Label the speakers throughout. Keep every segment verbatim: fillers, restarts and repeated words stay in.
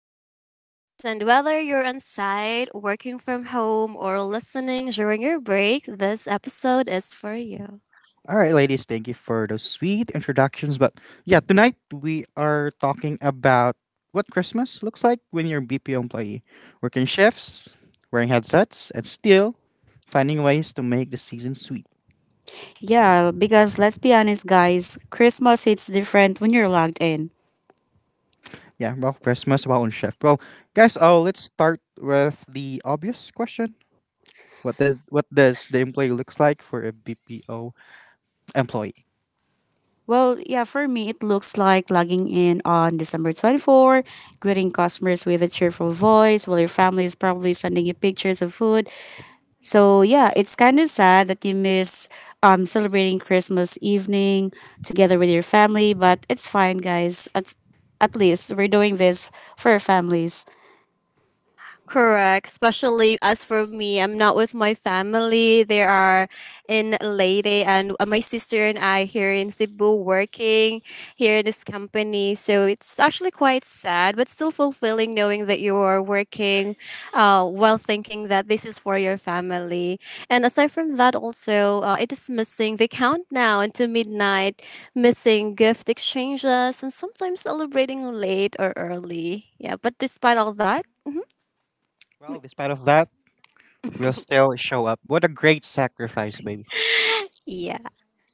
Speaker 1: And I am Rose. And whether you're on site, working from home, or listening during your break, this episode is for you.
Speaker 2: All right, ladies, thank you for those sweet introductions. But yeah, tonight we are talking about what Christmas looks like when you're a B P O employee, working shifts, wearing headsets, and still finding ways to make the season sweet.
Speaker 3: Yeah, because let's be honest, guys, Christmas hits different when you're logged in.
Speaker 2: Yeah, well, Christmas, well, on shift. Well, guys, oh, let's start with the obvious question. What does what does the employee looks like for a B P O employee?
Speaker 3: Well, yeah, for me, it looks like logging in on December twenty-fourth, greeting customers with a cheerful voice while your family is probably sending you pictures of food. So, yeah, it's kind of sad that you miss um, celebrating Christmas evening together with your family, but it's fine, guys. At, at least we're doing this for our families.
Speaker 1: Correct. Especially as for me, I'm not with my family. They are in Leyte, and uh, my sister and I here in Cebu working here in this company. So it's actually quite sad, but still fulfilling knowing that you are working uh, while thinking that this is for your family. And aside from that, also, uh, it is missing. They count now into midnight, missing gift exchanges, and sometimes celebrating late or early. Yeah, but despite all that,
Speaker 2: Well, despite of that, we'll still show up. What a great sacrifice, baby.
Speaker 1: yeah.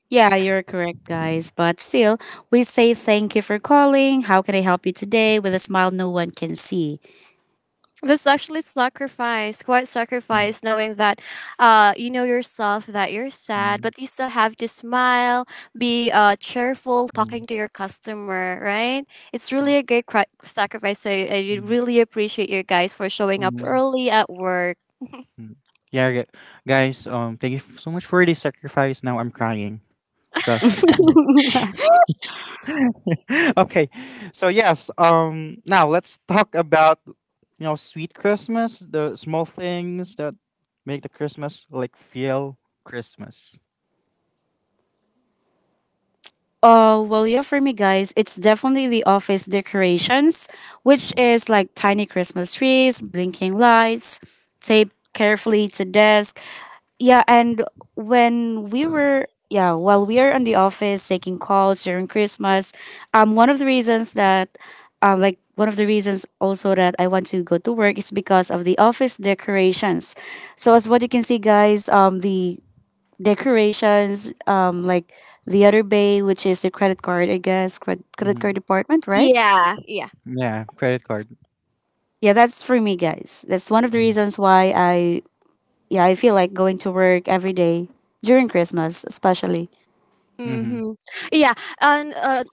Speaker 3: Yeah, you're correct, guys. But still, we say thank you for calling. How can I help you today with a smile no one can see?
Speaker 1: That's actually sacrifice, quite sacrifice, knowing that uh, you know yourself that you're sad,
Speaker 2: Mm.
Speaker 1: but you still have to smile, be uh, cheerful, talking to your customer, right? It's really a great cri- sacrifice. So I, I really appreciate you guys for showing up early at work.
Speaker 2: Yeah, gu- Guys, Um, thank you f- so much for the sacrifice. Now I'm crying because. okay, so yes. Um, now let's talk about you know sweet Christmas, the small things that make the Christmas like feel Christmas.
Speaker 3: Uh, well, yeah, for me, guys, it's definitely the office decorations, which is like tiny Christmas trees, blinking lights, taped carefully to desk. Yeah, and when we were, yeah, while we are in the office taking calls during Christmas, um, one of the reasons that, um, like one of the reasons also that I want to go to work is because of the office decorations. So as what you can see, guys, um, the decorations, um, like the other bay, which is the credit card, I guess, credit, credit
Speaker 2: Hmm.
Speaker 3: card department, right?
Speaker 1: Yeah, yeah.
Speaker 2: Yeah, credit card.
Speaker 3: Yeah, that's for me, guys. That's one of the reasons why I, yeah, I feel like going to work every day during Christmas, especially.
Speaker 2: Mm-hmm.
Speaker 1: Mm-hmm. Yeah, and uh,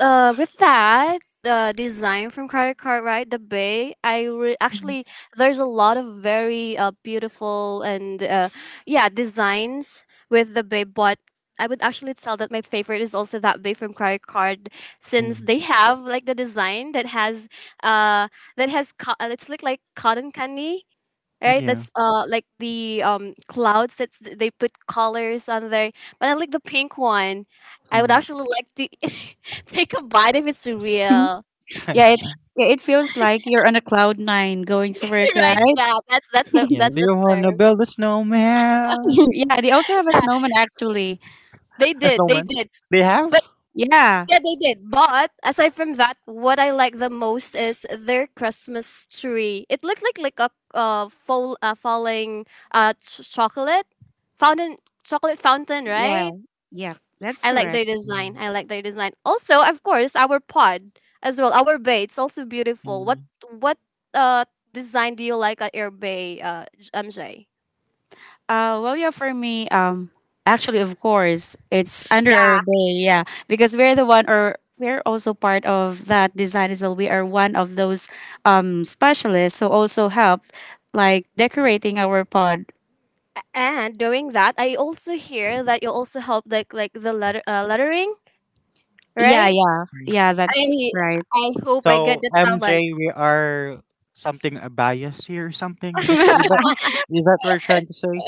Speaker 1: uh, with that the design from credit card, right, the bay, i re- actually there's a lot of very uh, beautiful and uh, yeah designs with the bay, but I would actually tell that my favorite is also that bay from credit card, since
Speaker 2: Mm.
Speaker 1: they have like the design that has uh that has co- uh, it's look like cotton candy, right?
Speaker 2: Yeah.
Speaker 1: That's uh like the um clouds that they put colors on there. But I like the pink one. I would
Speaker 2: Mm.
Speaker 1: actually like to take a bite if it's real.
Speaker 3: yeah, it
Speaker 2: Mm.
Speaker 3: yeah, it feels like you're on a cloud nine going to work,
Speaker 1: Right?
Speaker 3: right?
Speaker 1: Yeah, that's that's the
Speaker 2: Yeah. Do
Speaker 1: that's the
Speaker 2: you
Speaker 1: term.
Speaker 2: wanna build a snowman?
Speaker 3: Yeah, they also have a
Speaker 1: Yeah,
Speaker 3: snowman actually.
Speaker 1: they
Speaker 2: A
Speaker 1: did, they
Speaker 2: snowman?
Speaker 1: did.
Speaker 2: They have?
Speaker 1: But
Speaker 3: Yeah,
Speaker 1: yeah, they did. But aside from that, what I like the most is their Christmas tree. It looked like like a uh, fall, uh falling uh ch- chocolate fountain, chocolate fountain,
Speaker 3: yeah,
Speaker 1: right?
Speaker 3: yeah, that's
Speaker 1: I like their
Speaker 3: correct.
Speaker 1: design.
Speaker 2: Mm,
Speaker 1: I like their design. Also, of course, our pod as well. Our bay. It's also beautiful. What
Speaker 2: mm,
Speaker 1: what uh design do you like at your bay, uh J- M J?
Speaker 3: Uh, well, yeah, for me, um, actually, of course, it's under
Speaker 1: Yeah.
Speaker 3: our bay, yeah, because we're the one, or we're also part of that design as well. We are one of those um specialists who also help, like decorating our pod.
Speaker 1: And doing that, I also hear that you also help like like the letter uh, lettering,
Speaker 3: Yeah,
Speaker 1: right?
Speaker 3: yeah,
Speaker 2: mm.
Speaker 3: yeah, that's
Speaker 1: I
Speaker 3: right.
Speaker 1: I hope I get
Speaker 2: So
Speaker 1: the
Speaker 2: M J,
Speaker 1: talent.
Speaker 2: we are something a bias here. Or something. This is that. Is that what we're trying to say?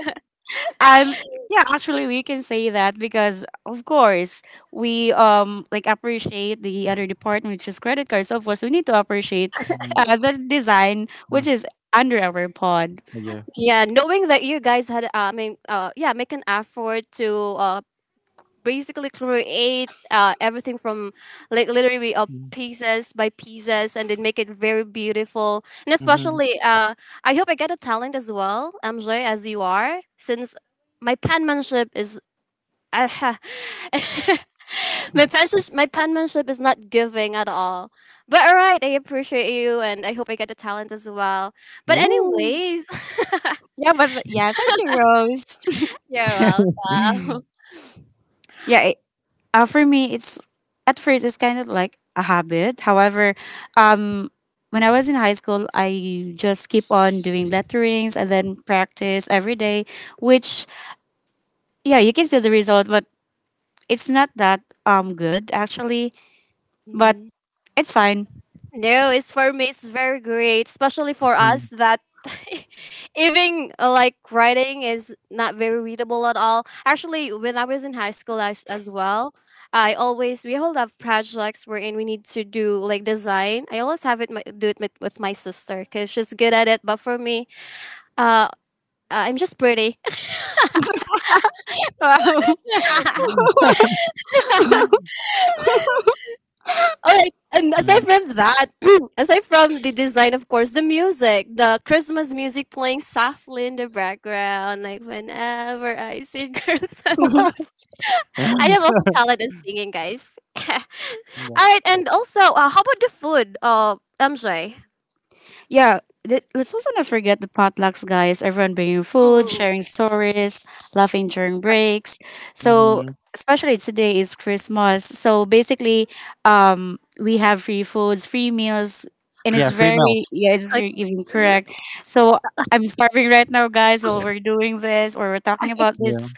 Speaker 3: um, yeah, actually, we can say that because, of course, we um like appreciate the other department, which is credit cards. So of course, we need to appreciate
Speaker 2: Mm,
Speaker 3: uh, the design,
Speaker 2: uh,
Speaker 3: which is under our pod.
Speaker 2: yeah.
Speaker 1: Yeah, knowing that you guys had, uh, I mean, uh, yeah, make an effort to uh, basically create uh, everything from like literally uh, pieces by pieces, and then make it very beautiful, and
Speaker 2: Mm-hmm.
Speaker 1: especially uh, I hope I get a talent as well, MJ, as you are, since my penmanship is my penmanship, my penmanship is not giving at all. But all right, I appreciate you, and I hope I get a talent as well. But
Speaker 2: Ooh.
Speaker 1: anyways,
Speaker 3: Yeah, but th- yeah, thank you, Rose.
Speaker 1: you're welcome.
Speaker 3: Yeah, it, uh, for me, it's at first, it's kind of like a habit. However, um, when I was in high school, I just keep on doing letterings and then practice every day. Which Yeah, you can see the result, but it's not that um good actually. But it's fine.
Speaker 1: No, it's for me. It's very great, especially for
Speaker 2: Mm,
Speaker 1: us that even uh, like writing is not very readable at all. Actually, when I was in high school as, as well, I always we all have projects wherein we need to do like design. I always have it my, do it with, with my sister because she's good at it. But for me, uh, I'm just pretty.
Speaker 3: Wow.
Speaker 1: All right. And aside
Speaker 2: mm.
Speaker 1: from that, aside from the design, of course, the music, the Christmas music playing softly in the background, like whenever I see girls and boys. I am also talented in singing, guys. All
Speaker 2: yeah.
Speaker 1: right. And also, uh, how about the food? Uh, I'm sorry.
Speaker 3: Yeah, let- let's also not forget the potlucks, guys. Everyone bringing food,
Speaker 1: Mm.
Speaker 3: sharing stories, laughing during breaks. So,
Speaker 2: Hmm.
Speaker 3: especially today is Christmas. So, basically, um, we have free foods, free meals, and
Speaker 2: Yeah.
Speaker 3: it's
Speaker 2: Free
Speaker 3: very,
Speaker 2: meals.
Speaker 3: yeah, it's
Speaker 1: Okay.
Speaker 3: very giving, correct. So, I'm starving right now, guys, while we're doing this or we're talking about
Speaker 2: Yeah.
Speaker 3: this,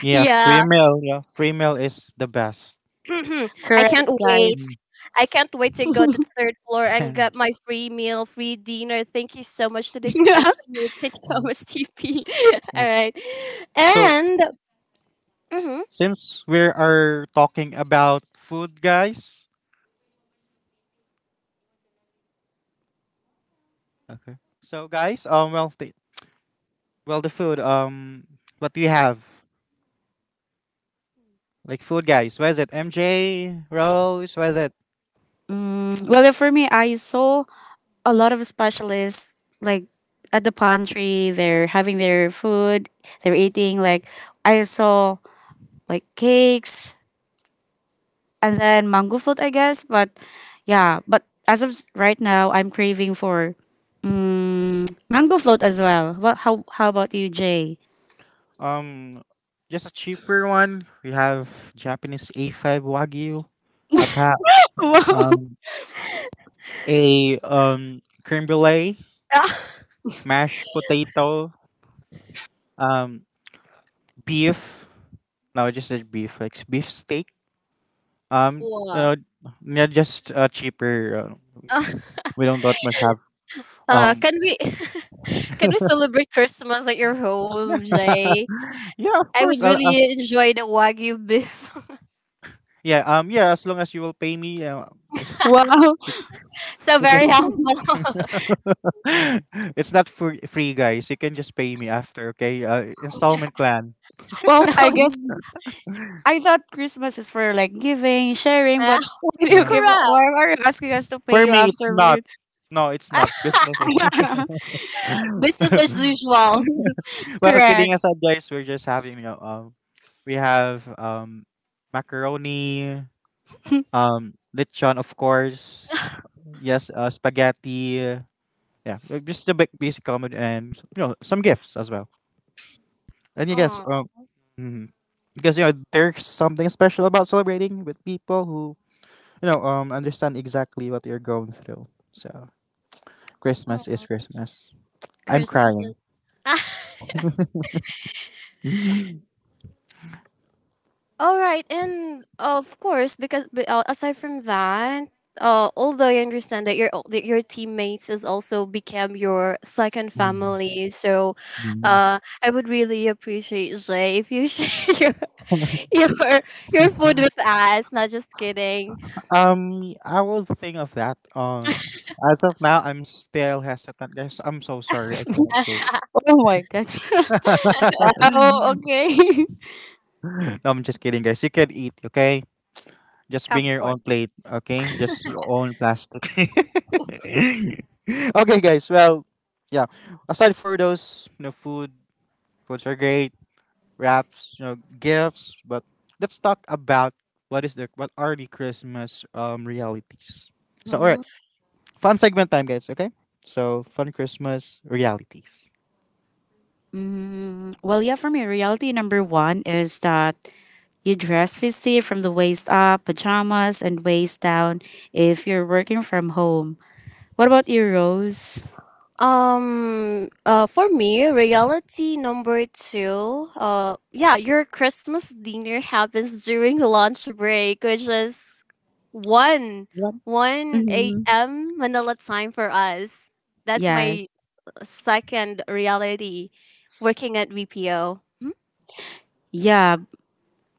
Speaker 2: Yeah.
Speaker 1: Yeah.
Speaker 2: Free meal. Yeah. Free meal is the best.
Speaker 1: I
Speaker 3: correct,
Speaker 1: can't wait.
Speaker 3: guys.
Speaker 2: Mm.
Speaker 1: I can't wait to go to the third floor and get my free meal, free dinner. Thank you so much to this company. Thank you so
Speaker 2: Mm.
Speaker 1: much, T P. All
Speaker 2: Oh,
Speaker 1: right.
Speaker 2: so
Speaker 1: And, mm-hmm.
Speaker 2: since we are talking about food, guys. Okay. So, guys, um, well, the, well, the food, um, what we have, like food, guys. Where is it? M J, Rose. Where is it?
Speaker 3: Mm, well, for me, I saw a lot of specialists like at the pantry. They're having their food, they're eating like, I saw like cakes and then mango float, I guess. But yeah, but as of right now, I'm craving for mm, mango float as well. What? How, how about you, Jay?
Speaker 2: Um, just a cheaper one. We have Japanese A five Wagyu ata,
Speaker 3: Wow.
Speaker 2: um, a um creme brulee, mashed potato, um, beef. No, just a beef, like beef steak. Um,
Speaker 1: Wow.
Speaker 2: uh, yeah, just uh, cheaper uh,
Speaker 1: Uh,
Speaker 2: we don't that much have
Speaker 1: uh,
Speaker 2: um
Speaker 1: can we can we celebrate Christmas at your home, Jay?
Speaker 2: yeah, of
Speaker 1: I would
Speaker 2: course I'll, as
Speaker 1: really enjoy the wagyu beef.
Speaker 2: yeah, um yeah, as long as you will pay me, uh, just
Speaker 3: Wow!
Speaker 1: So very
Speaker 2: okay.
Speaker 1: humble.
Speaker 2: It's not for free, guys. You can just pay me after, okay? Uh, installment plan.
Speaker 3: Well, I
Speaker 1: No,
Speaker 3: guess, I thought Christmas is for like giving, sharing. But
Speaker 1: ah,
Speaker 3: why do you
Speaker 2: Uh,
Speaker 3: give
Speaker 1: correct.
Speaker 3: why are you asking us to pay
Speaker 2: for
Speaker 3: you
Speaker 2: me it's not
Speaker 3: afterward?
Speaker 2: No, it's not, business
Speaker 1: Business
Speaker 2: is.
Speaker 1: as usual.
Speaker 2: Well, kidding
Speaker 3: Correct.
Speaker 2: aside, guys, we're just having, you know um we have, um macaroni, um lechon, of course, yes, uh, spaghetti, yeah, just the ba- basic common, and you know, some gifts as well. And you guess,
Speaker 1: Oh,
Speaker 2: um, mhm, because you know there's something special about celebrating with people who you know um understand exactly what you're going through. So Christmas
Speaker 1: oh,
Speaker 2: is Christmas. I'm
Speaker 1: Christmas.
Speaker 2: crying.
Speaker 1: All right, and uh, of course, because but, uh, aside from that, uh, although I understand that your that your teammates has also become your second
Speaker 2: Mm,
Speaker 1: family, so
Speaker 2: no.
Speaker 1: uh, I would really appreciate Jay if you share your your your food with us. Not just kidding.
Speaker 2: um, I will think of that. Uh, as of now, I'm still hesitant, guys. I'm so sorry. I cannot share.
Speaker 3: Oh my gosh. Wow, okay.
Speaker 2: No, I'm just kidding, guys. You can eat, okay? Just bring
Speaker 1: Of
Speaker 2: your
Speaker 1: course.
Speaker 2: own plate, okay? Just your own plastic. Okay, guys. Well, yeah. Aside for those, you know, food, foods are great, wraps, you know, gifts. But let's talk about what is the what are the Christmas um realities. So, all
Speaker 1: Mm-hmm.
Speaker 2: right, fun segment time, guys. Okay. So, fun Christmas realities.
Speaker 3: Mm, well, yeah, for me, reality number one is that you dress festive from the waist up, pajamas, and waist down if you're working from home. What about you, Rose?
Speaker 1: Um uh for me, reality number two, uh yeah, your Christmas dinner happens during lunch break, which is one 1
Speaker 3: Mhm.
Speaker 1: a.m. Manila time for us. That's
Speaker 3: Yes.
Speaker 1: my second reality working at V P O.
Speaker 3: Yeah,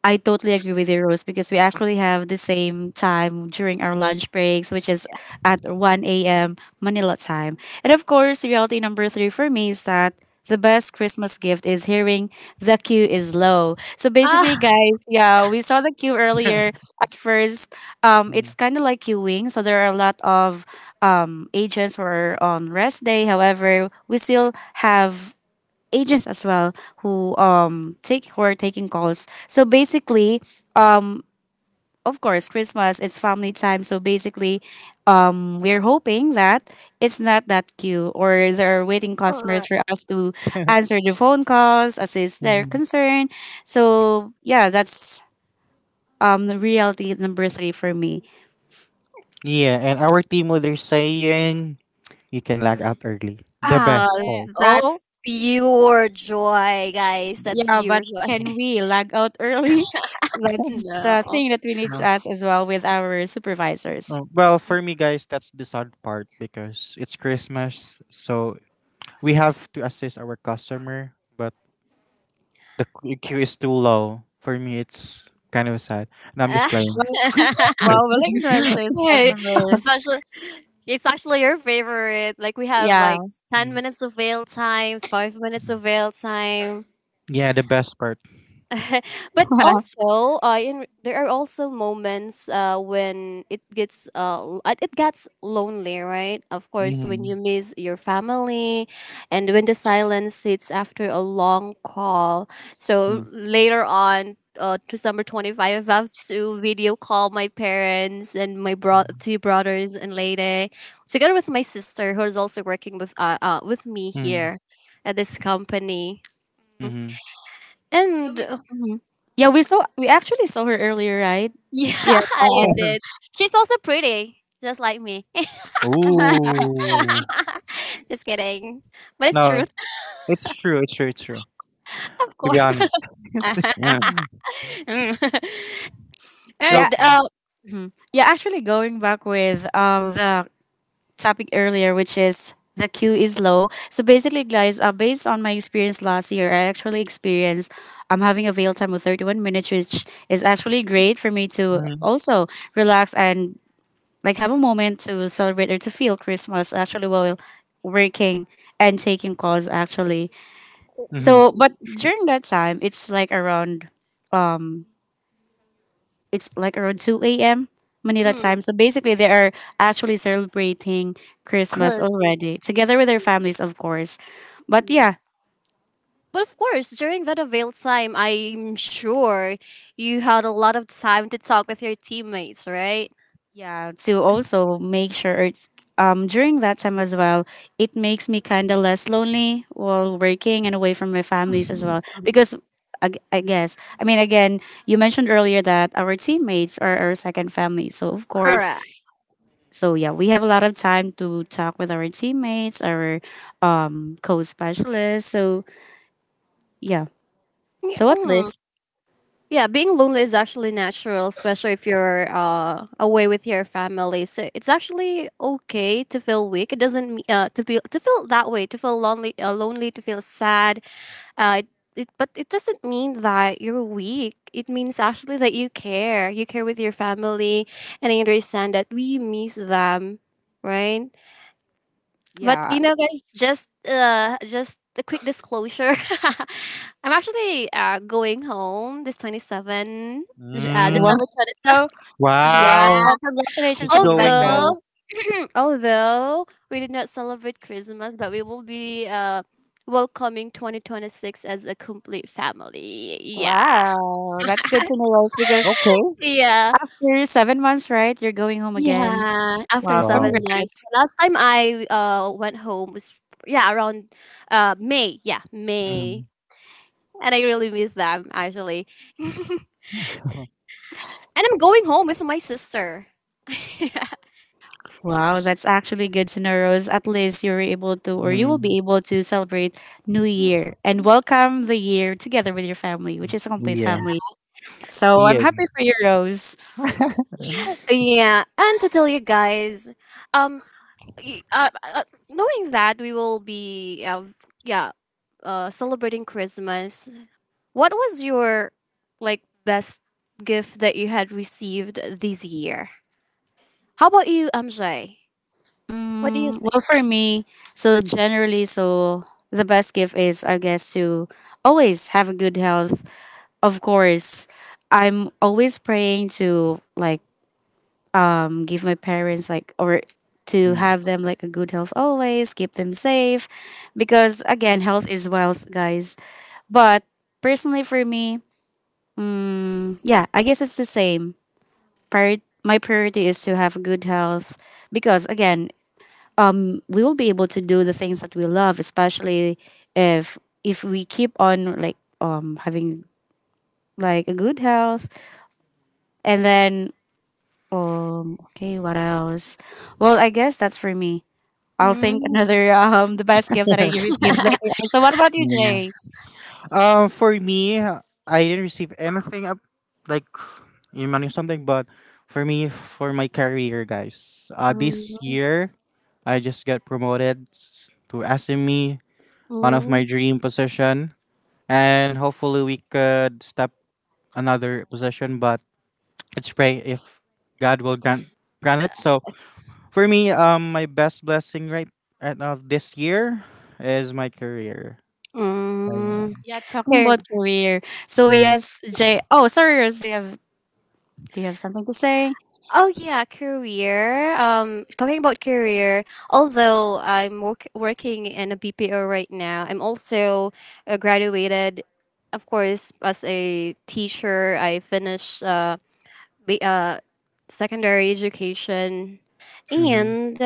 Speaker 3: I totally agree with you, Rose, because we actually have the same time during our lunch breaks, which is at one a m. Manila time. And of course, reality number three for me is that the best Christmas gift is hearing the queue is low. So basically,
Speaker 1: Ah,
Speaker 3: guys, yeah, we saw the queue earlier. At first, um,
Speaker 2: Mm.
Speaker 3: it's kind of like queuing. So there are a lot of um, agents who are on rest day. However, we still have agents as well who um take who are taking calls. So basically, of course, Christmas it's family time. So basically, um, we're hoping that it's not that queue or there are waiting customers
Speaker 1: alright.
Speaker 3: for us to answer the phone calls, assist their
Speaker 2: Mhm.
Speaker 3: concern. So yeah, that's um the reality number three for me.
Speaker 2: Yeah, and our team leader saying you can lag out early. The
Speaker 1: Ah,
Speaker 2: best
Speaker 3: Well,
Speaker 2: part.
Speaker 1: that's
Speaker 3: oh
Speaker 1: pure joy, guys. That's
Speaker 3: yeah,
Speaker 1: pure
Speaker 3: but
Speaker 1: joy.
Speaker 3: can we lag out early? That's the
Speaker 1: No.
Speaker 3: thing that we need to ask as well with our supervisors.
Speaker 2: Oh, well, for me, guys, that's the sad part because it's Christmas, so we have to assist our customer, but the qu- queue is too low. For me, it's kind of sad. And I'm just playing.
Speaker 3: Well, well, willing to says
Speaker 1: Yeah,
Speaker 3: customers.
Speaker 1: especially it's actually your favorite. Like we have
Speaker 3: Yeah.
Speaker 1: like ten
Speaker 2: Mm.
Speaker 1: minutes of veil time, five minutes of veil time,
Speaker 2: Yeah, the best part.
Speaker 1: but also uh, in, there are also moments uh, when it gets uh, l- uh, it gets lonely, right, of course, when
Speaker 2: Mm-hmm.
Speaker 1: you miss your family, and when the silence sits after a long call. So later on, uh, December twenty-fifth I have to video call my parents and my bro- two brothers and lady, together with my sister, who is also working with uh, uh, with me here at this company.
Speaker 2: Mm-hmm.
Speaker 3: Yeah,
Speaker 1: And
Speaker 3: we. Mhm. Yeah, we saw we actually saw her earlier, right?
Speaker 1: yeah,
Speaker 3: Yeah.
Speaker 1: you did. She's also pretty, just like me.
Speaker 2: Ooh.
Speaker 1: Just kidding. But it's
Speaker 2: No,
Speaker 1: truth,
Speaker 2: it's true. It's true. It's true.
Speaker 1: of
Speaker 2: To be
Speaker 1: course.
Speaker 2: honest. Yeah.
Speaker 1: Mm.
Speaker 3: Yeah.
Speaker 1: And
Speaker 2: Okay.
Speaker 1: uh,
Speaker 3: Mhm. Yeah, actually going back with um the topic earlier which is the queue is low. So basically guys, uh, based on my experience last year, I actually experienced I'm having a veil time of thirty-one minutes, which is actually great for me to also relax and like have a moment to celebrate or to feel Christmas actually while working and taking calls actually.
Speaker 2: Mm-hmm.
Speaker 3: So but during that time it's like around um it's like around two a m Manila
Speaker 1: mm,
Speaker 3: time. So basically they are actually celebrating Christmas
Speaker 1: Chris, yes.
Speaker 3: already together with their families of course. But
Speaker 1: Mm.
Speaker 3: yeah,
Speaker 1: But of course, during that avail time, I'm sure you had a lot of time to talk with your teammates, right?
Speaker 3: yeah, to also make sure it's- um, during that time as well, it makes me kind of less lonely while working and away from my families as well. Because I, g- I guess, I mean, again, you mentioned earlier that our teammates are our second family. So, of course,
Speaker 1: Correct.
Speaker 3: so yeah, we have a lot of time to talk with our teammates, our um, co specialists. So, yeah.
Speaker 1: Yeah,
Speaker 3: So, at
Speaker 1: mm.
Speaker 3: least,
Speaker 1: Yeah, being lonely is actually natural, especially if you're uh, away with your family. So it's actually okay to feel weak. It doesn't me- uh, To be to feel that way, to feel lonely, uh, lonely, to feel sad. Uh, it, it, but it doesn't mean that you're weak. It means actually that you care. You care with your family, and I understand that we miss them, right? But
Speaker 3: yeah.
Speaker 1: you know, guys, just uh, just a quick disclosure. I'm actually uh, going home this twenty-seven, j- uh,
Speaker 3: Wow.
Speaker 2: Mm.
Speaker 1: December twentieth.
Speaker 3: Wow.
Speaker 1: Yeah.
Speaker 2: Wow.
Speaker 3: Congratulations
Speaker 2: She's
Speaker 3: in advance,
Speaker 2: going home.
Speaker 3: Rose.
Speaker 1: Although, although we did not celebrate Christmas, but we will be uh, welcoming twenty twenty-six as a complete family. Yeah.
Speaker 3: Wow, that's good to know, Rose, because
Speaker 2: Okay.
Speaker 1: Yeah.
Speaker 3: after seven months, right, you're going home again.
Speaker 1: Yeah, after
Speaker 3: Wow,
Speaker 2: Oh.
Speaker 1: seven months.
Speaker 3: congrats.
Speaker 1: Last time I uh went home was yeah around uh May. Yeah, May. And I really miss them actually. And I'm going home with my sister.
Speaker 3: Wow, that's actually good to know, Rose. At least you were able to, or you will
Speaker 2: Mm,
Speaker 3: be able to celebrate New Year and
Speaker 1: Mm.
Speaker 3: welcome the year together with your family, which is a complete
Speaker 2: yeah.
Speaker 3: family. So
Speaker 2: Yeah.
Speaker 3: I'm happy for you, Rose.
Speaker 1: Yeah, and to tell you guys, um, y- uh, uh, knowing that we will be, uh, v- yeah, uh, celebrating Christmas. What was your like best gift that you had received this year? How about you, M J? What do you
Speaker 3: Mm,
Speaker 1: think?
Speaker 3: well, for me, so generally, so the best gift is, I guess, to always have a good health. Of course, I'm always praying to like, um give my parents like, or to
Speaker 2: Mm,
Speaker 3: have them like a good health, always keep them safe, because again, health is wealth, guys. But personally for me, yeah, I guess it's the same. Prior- my priority is to have good health, because again, um we will be able to do the things that we love, especially if if we keep on like, um having like a good health. And then, um okay, what else? Well, I guess that's for me. I'll think
Speaker 1: Mm.
Speaker 3: another um the best gift that I received later. So what about you,
Speaker 2: mm.
Speaker 3: Jay?
Speaker 2: Um, for me, I didn't receive anything up, like in money or something. But for me, for my career, guys, uh, this
Speaker 1: Mm,
Speaker 2: year I just got promoted s- to S M E, one of my dream position, and hopefully we could step another position. But let's pray if God will grant grant it. So for me, um, my best blessing right right now this year is my career. So,
Speaker 1: mm, mm.
Speaker 2: yeah.
Speaker 3: Yeah, talking about career. So
Speaker 2: Mhm,
Speaker 3: yes, Jay. Oh, sorry, Rose. Do you have do you have something to say?
Speaker 1: Oh yeah, career. Um, talking about career. Although I'm work- working in a B P O right now, I'm also uh, graduated, of course, as a teacher. I finished uh, ba- uh secondary education,
Speaker 2: mhm,
Speaker 1: and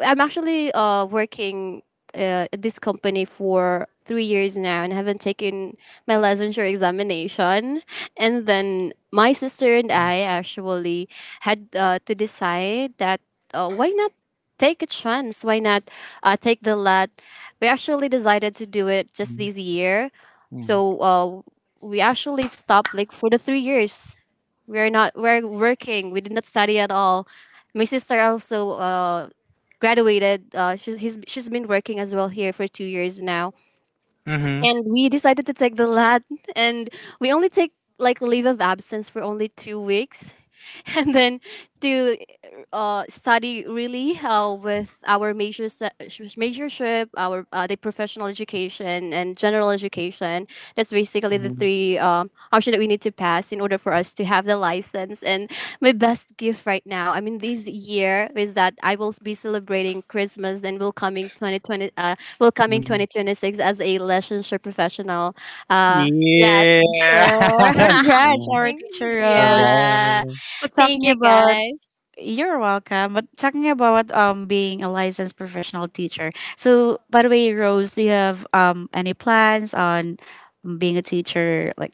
Speaker 1: I'm actually uh, working uh, at this company for three years now and haven't taken my licensure examination. And then my sister and
Speaker 2: mhm,
Speaker 1: I actually had uh, to decide that uh, why not take a chance? Why not uh, take the L A T? We actually decided to do it just
Speaker 2: mhm,
Speaker 1: this year.
Speaker 2: mhm,
Speaker 1: So uh, we actually stopped like for the three years. We're not we're working. We did not study at all. My sister also uh, graduated. Uh, she, he's, she's been working as well here for two years now,
Speaker 2: mm-hmm,
Speaker 1: and we decided to take the lad, and we only take like leave of absence for only two weeks and then to uh, study really uh, with our major se- majorship, our uh, the professional education and general education. That's basically the
Speaker 2: mhm,
Speaker 1: three um, option that we need to pass in order for us to have the license. And my best gift right now, I mean this year, is that I will be celebrating Christmas and will coming twenty twenty uh, will come
Speaker 2: mm,
Speaker 1: in
Speaker 2: mhm.
Speaker 1: two thousand twenty-six as a relationship professional. Uh, yeah,
Speaker 2: Yeah.
Speaker 1: teacher.
Speaker 3: Congrats,
Speaker 2: Mm,
Speaker 3: our
Speaker 1: Thank-
Speaker 3: teacher
Speaker 2: from.
Speaker 3: Rose.
Speaker 1: yeah.
Speaker 3: So
Speaker 1: Thank
Speaker 3: talking
Speaker 1: you,
Speaker 3: about
Speaker 1: guys.
Speaker 3: You're welcome. But talking about um being a licensed professional teacher. So by the way, Rose, do you have um any plans on being a teacher like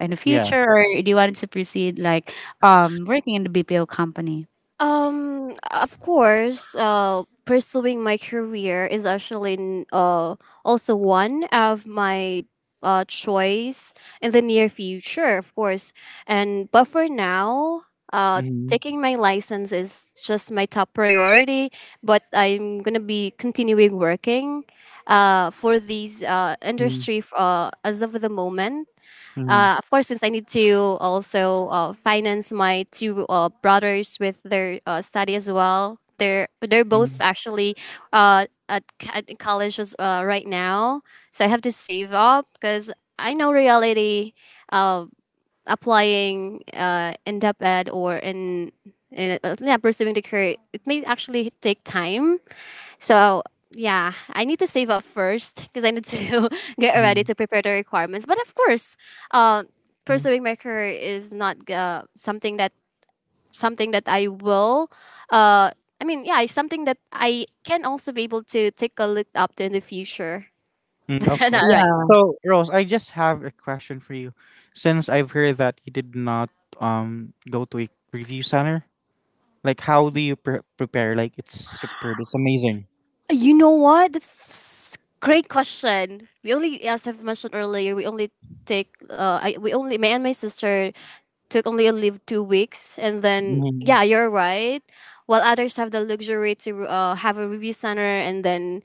Speaker 3: in the
Speaker 2: Yeah.
Speaker 3: future, or do you want to proceed like um working in the B P O company?
Speaker 1: Um, of course, uh, pursuing my career is actually n- uh, also one of my uh, choice in the near future, of course. And but for now, uh,
Speaker 2: Mhm,
Speaker 1: taking my license is just my top priority. But I'm gonna be continuing working, uh, for these uh
Speaker 2: mhm,
Speaker 1: industry f- uh as of the moment,
Speaker 2: mhm,
Speaker 1: uh, of course, since I need to also uh, finance my two uh, brothers with their uh, study as well. They're they're
Speaker 2: mhm,
Speaker 1: both actually uh, at, c- at college as, uh, right now, so I have to save up because I know reality. Uh, applying uh, in depth ed or in, in uh, yeah, pursuing the career, it may actually take time. So yeah, I need to save up first because I need to get ready
Speaker 2: mhm,
Speaker 1: to prepare the requirements. But of course, uh,
Speaker 2: mhm.
Speaker 1: pursuing my career is not uh, something that something that I will. Uh, I mean, yeah, it's something that I can also be able to take a look up to in the future,
Speaker 2: Mm,
Speaker 1: but
Speaker 2: okay.
Speaker 1: not right now.
Speaker 2: So, Rose, I just have a question for you. Since I've heard that you did not um go to a review center, like how do you pre- prepare? Like it's superb, it's amazing.
Speaker 1: You know what? That's great question. We only, as I've mentioned earlier, we only take. Uh, I, we only, me and my sister took only a leave two weeks, and then
Speaker 2: Mhm,
Speaker 1: yeah you're right. While others have the luxury to uh, have a review center and then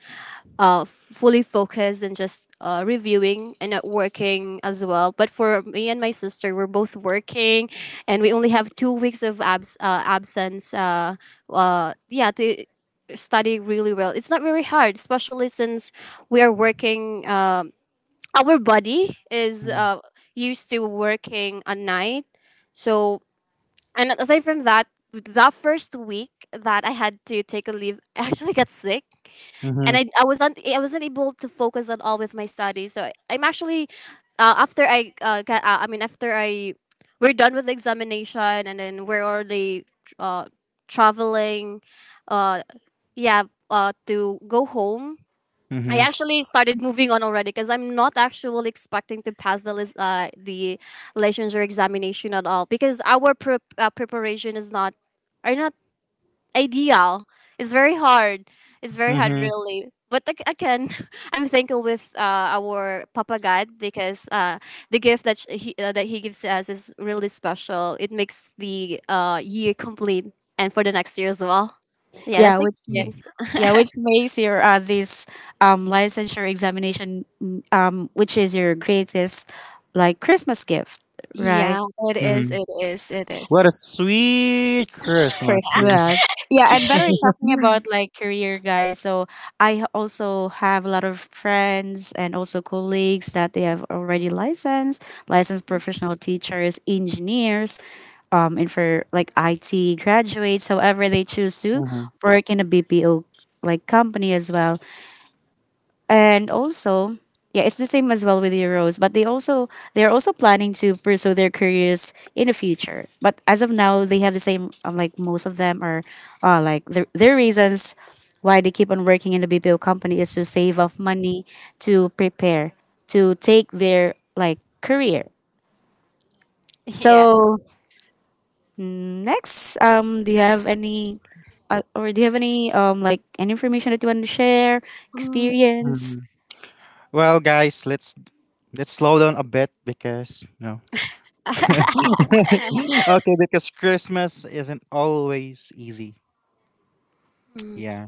Speaker 1: uh, f- fully focus and just uh, reviewing and not working as well, but for me and my sister we're both working, and we only have two weeks of abs- uh, absence, uh, uh, yeah, to study really well. It's not very hard, especially since we are working. Um our body is
Speaker 2: mhm,
Speaker 1: uh, used to working at night, so. And aside from that, that first week that I had to take a leave, I actually got sick, and
Speaker 2: mhm,
Speaker 1: I, I wasn't I wasn't able to focus at all with my studies. So I, I'm actually, uh, after I uh, got out, I mean after I we're done with the examination, and then we're already, uh, traveling, uh, yeah, uh, to go home. I
Speaker 2: mm-hmm,
Speaker 1: actually started moving on already, because I'm not actually expecting to pass the lis- uh, the licensure examination at all, because our pre- uh, preparation is not are not ideal. It's very hard. It's very hard,
Speaker 2: mhm,
Speaker 1: really. But ag- again, I'm thankful with uh, our Papa God, because uh, the gift that sh- he uh, that he gives to us is really special. It makes the uh, year complete, and for the next year as well. Yeah,
Speaker 3: Yeah,
Speaker 1: that's the
Speaker 3: which ma-
Speaker 1: experience.
Speaker 3: yeah, which makes your uh, this um, licensure examination, mm, um, which is your greatest like Christmas gift, right?
Speaker 1: Yeah, it is.
Speaker 2: mhm.
Speaker 1: It is. It is.
Speaker 2: What a sweet Christmas.
Speaker 3: Christmas. Yeah, and by the way, talking about like career, guys. So I also have a lot of friends and also colleagues that they have already licensed, licensed professional teachers, engineers, um, and for like I T graduates. However, they choose to
Speaker 2: Mhm,
Speaker 3: work in a B P O like company as well, and also yeah it's the same as well with euros, but they also they're also planning to pursue their careers in the future. But as of now, they have the same uh, like most of them are uh, like their, their reasons why they keep on working in the BPO company is to save up money to prepare to take their like career.
Speaker 1: Yeah.
Speaker 3: So next, um do you have any uh, or do you have any um like any information that you want to share
Speaker 1: Mm,
Speaker 3: experience.
Speaker 2: mhm. Well, guys, let's let's slow down a bit because no. Okay, because Christmas isn't always easy.
Speaker 1: mm.
Speaker 2: Yeah.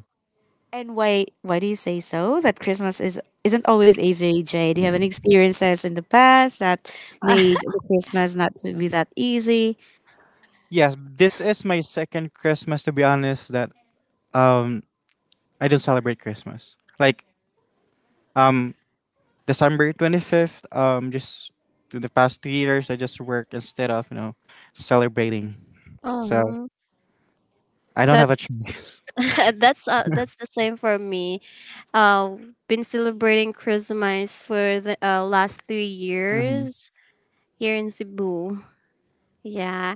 Speaker 3: And why why do you say so? That Christmas is isn't always easy, Jay. Do you have any experiences in the past that made the Christmas not to be that easy?
Speaker 2: Yes, this is my second Christmas to be honest that um I don't celebrate Christmas. Like um December twenty-fifth um just to the past three years I just work instead of, you know, celebrating. So,
Speaker 1: Oh,
Speaker 2: I don't
Speaker 1: that
Speaker 2: have a choice.
Speaker 1: that's uh, that's the same for me. Uh, been celebrating Christmas for the uh, last three
Speaker 2: Mhm,
Speaker 1: years here in Cebu. Yeah.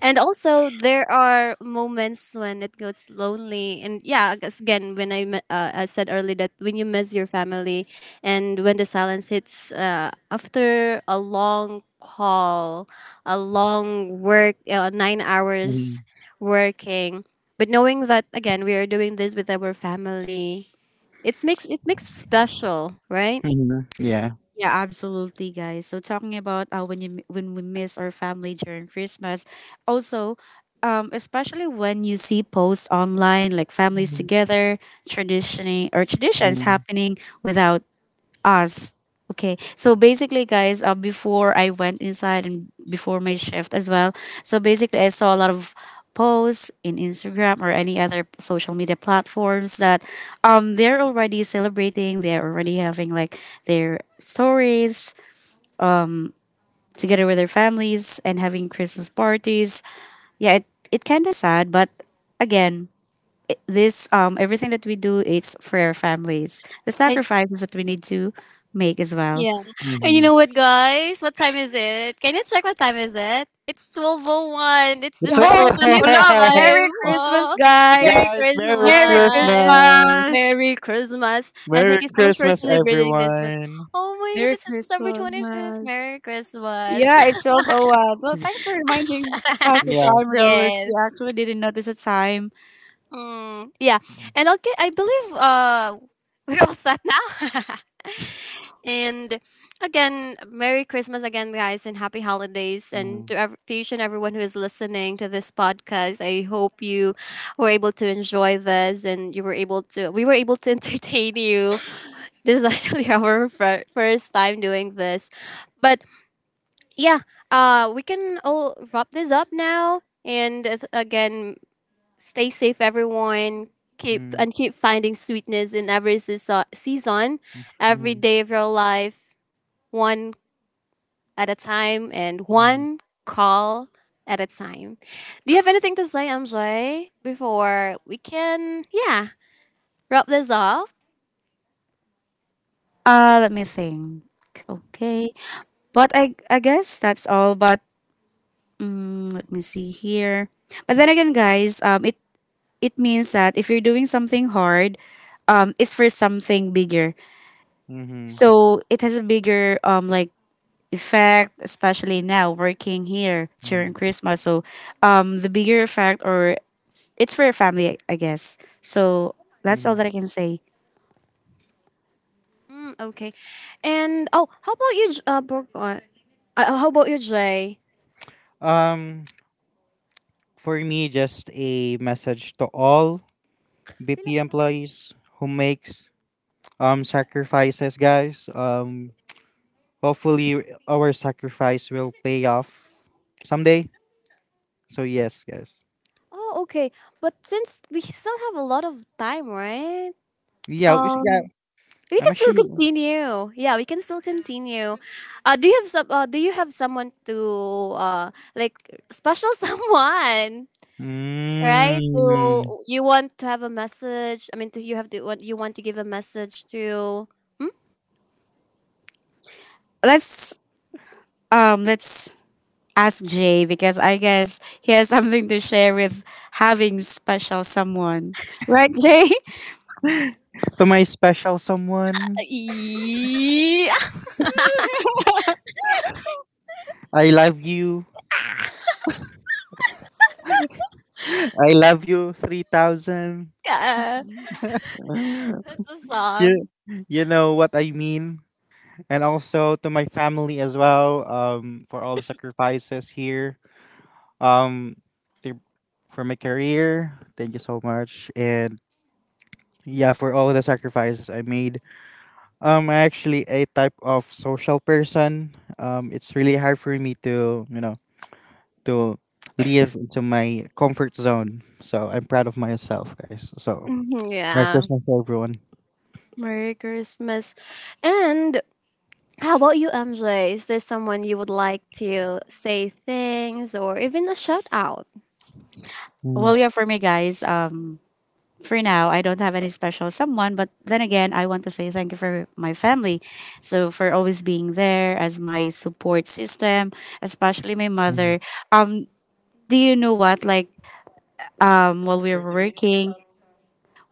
Speaker 1: And also, there are moments when it gets lonely, and yeah, I guess again, when I me- uh, I said earlier, that when you miss your family, and when the silence hits uh, after a long call, a long work, uh, nine hours
Speaker 2: mhm.
Speaker 1: working, but knowing that again we are doing this with our family, it makes, it makes special, right?
Speaker 2: Mhm. Yeah.
Speaker 3: Yeah, absolutely, guys. So talking about uh, when you when we miss our family during Christmas, also, um, especially when you see posts online like families
Speaker 2: Mhm.
Speaker 3: together, traditioning or traditions happening without us. Okay. So basically, guys, uh, before I went inside and before my shift as well, so basically, I saw a lot of posts in Instagram or any other social media platforms that um they're already celebrating, they're already having like their stories um together with their families and having Christmas parties. Yeah, it it kind of sad, but again, i- this, um everything that we do, it's for our families. The sacrifices that we need to make as well.
Speaker 1: Yeah. And you
Speaker 2: Mhm.
Speaker 1: know what, guys? What time is it? Can you check what time is it? It's twelve oh one. It's
Speaker 2: The
Speaker 3: Yo,
Speaker 1: December
Speaker 3: hello,
Speaker 1: 25.
Speaker 2: trouble.
Speaker 3: Merry Christmas,
Speaker 1: Oh, Merry
Speaker 3: guys.
Speaker 2: Guys, Merry
Speaker 3: Merry
Speaker 1: Christmas.
Speaker 2: Christmas.
Speaker 3: Christmas.
Speaker 1: Merry Christmas. And thank
Speaker 2: Merry
Speaker 1: you so much for
Speaker 2: Christmas,
Speaker 1: celebrating this one.
Speaker 2: everyone.
Speaker 1: Oh my god,
Speaker 3: Merry
Speaker 1: this is December twenty-fifth.
Speaker 3: Christmas.
Speaker 1: Merry Christmas.
Speaker 3: Yeah, it's 12 oh 01. So thanks for reminding us the
Speaker 2: Yeah.
Speaker 3: time, Rose. We
Speaker 1: Yes.
Speaker 3: actually didn't notice the time.
Speaker 1: Mm, yeah.
Speaker 2: Mhm.
Speaker 1: And okay, I believe uh, we're all set now. And again, Merry Christmas again, guys, and Happy Holidays. And
Speaker 2: Mhm.
Speaker 1: to, ev- to each and everyone who is listening to this podcast, I hope you were able to enjoy this, and you were able to, we were able to entertain you. This is actually our fir- first time doing this. But yeah, uh, we can all wrap this up now. And uh, again, stay safe, everyone. Keep and keep finding sweetness in every seaso- season, every
Speaker 2: Mhm.
Speaker 1: day of your life, one at a time, and
Speaker 2: Mhm.
Speaker 1: one call at a time. Do you have anything to say, M J, before we can, yeah, wrap this off?
Speaker 3: Uh, let me think. Okay. But I I guess that's all. But mm, let me see here. But then again, guys, um, it, it means that if you're doing something hard, um, it's for something bigger.
Speaker 2: Mhm.
Speaker 3: So it has a bigger um like effect, especially now working here during
Speaker 2: Mhm.
Speaker 3: Christmas. So, um, the bigger effect, or it's for your family, I I guess. So that's all
Speaker 2: Mhm.
Speaker 3: that I can say.
Speaker 1: Mm, okay. And, oh, how about you, J- uh, Bor- uh, uh, how about you, Jay?
Speaker 2: Um, for me, just a message to all B P employees who makes um sacrifices, guys. Um, hopefully our sacrifice will pay off someday. So yes, guys.
Speaker 1: Oh, okay. But since we still have a lot of time, right?
Speaker 2: Yeah, it's- yeah,
Speaker 1: Um, we
Speaker 2: I'm
Speaker 1: can still
Speaker 2: actually.
Speaker 1: continue. Yeah, we can still continue. Uh, do you have some? Uh, do you have someone to, uh, like, special someone, right, to,
Speaker 2: Mm.
Speaker 1: you want to have a message, I mean, to, you have to, what you want to give a message to, hmm?
Speaker 3: Let's um, let's ask Jay because I guess he has something to share with having special someone, right, Jay?
Speaker 2: To my special someone, I love you. I love you three thousand.
Speaker 1: Yeah. That's a
Speaker 2: You,
Speaker 1: song.
Speaker 2: you know what I mean? And also to my family as well, um, for all the sacrifices here. Um, to- for my career, thank you so much. And yeah, for all the sacrifices I made. Um, I'm actually a type of social person. Um, it's really hard for me to, you know, to live into my comfort zone. So I'm proud of myself, guys. So
Speaker 1: Mhm,
Speaker 2: Merry
Speaker 1: yeah.
Speaker 2: Christmas, to everyone.
Speaker 1: Merry Christmas. And how about you, MJ, is there someone you would like to say things, or even a shout out?
Speaker 2: Mm-hmm.
Speaker 3: Well, yeah, for me, guys. Um, for now, I don't have any special someone, but then again, I want to say thank you for my family. So for always being there as my support system, especially my mother. Um, do you know what? Like um, while we were
Speaker 2: thirty minutes pa
Speaker 3: working,
Speaker 2: tayo.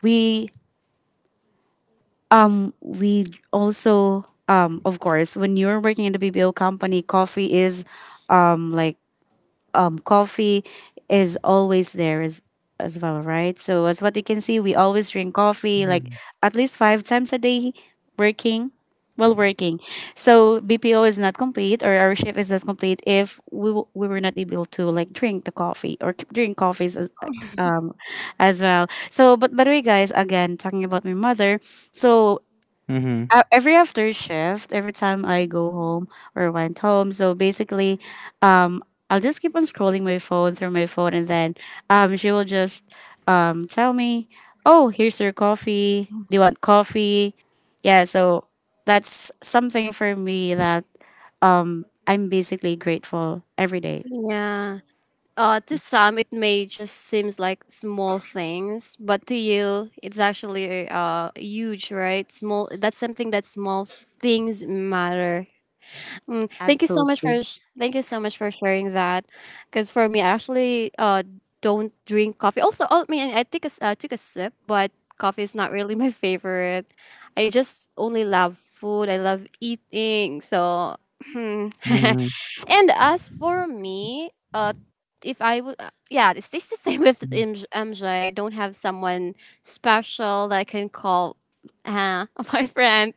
Speaker 3: we um, we also um of course when you're working in the B P O company, coffee is um like coffee is always there as as well, right? So as what you can see, we always drink coffee like
Speaker 2: Mm-hmm.
Speaker 3: at least five times a day working while working. So B P O is not complete or our shift is not complete if we, w- we were not able to like drink the coffee or c- drink coffees as, as well. So but by the way, guys, again talking about my mother. So
Speaker 2: Mm-hmm.
Speaker 3: a- every after shift, every time I go home or went home, so basically, um, I'll just keep on scrolling my phone through my phone, and then um, she will just um, tell me, "Oh, here's your coffee. Do you want coffee?" Yeah, so that's something for me that um, I'm basically grateful every day.
Speaker 1: Yeah. Uh, to some, it may just seems like small things, but to you, it's actually uh huge, right? Small. That's something that small things matter. Mm, thank you so much for
Speaker 3: Absolutely.
Speaker 1: sh- thank you so much for sharing that, because for me, I actually uh don't drink coffee. Also, oh, I mean, I take a s- uh, took a sip, but coffee is not really my favorite. I just only love food. I love eating, so. Hmm.
Speaker 2: Mm-hmm.
Speaker 1: And as for me, uh, if I would, uh, yeah, it's just the same with M J. Don't have someone special that I can call uh, my friend.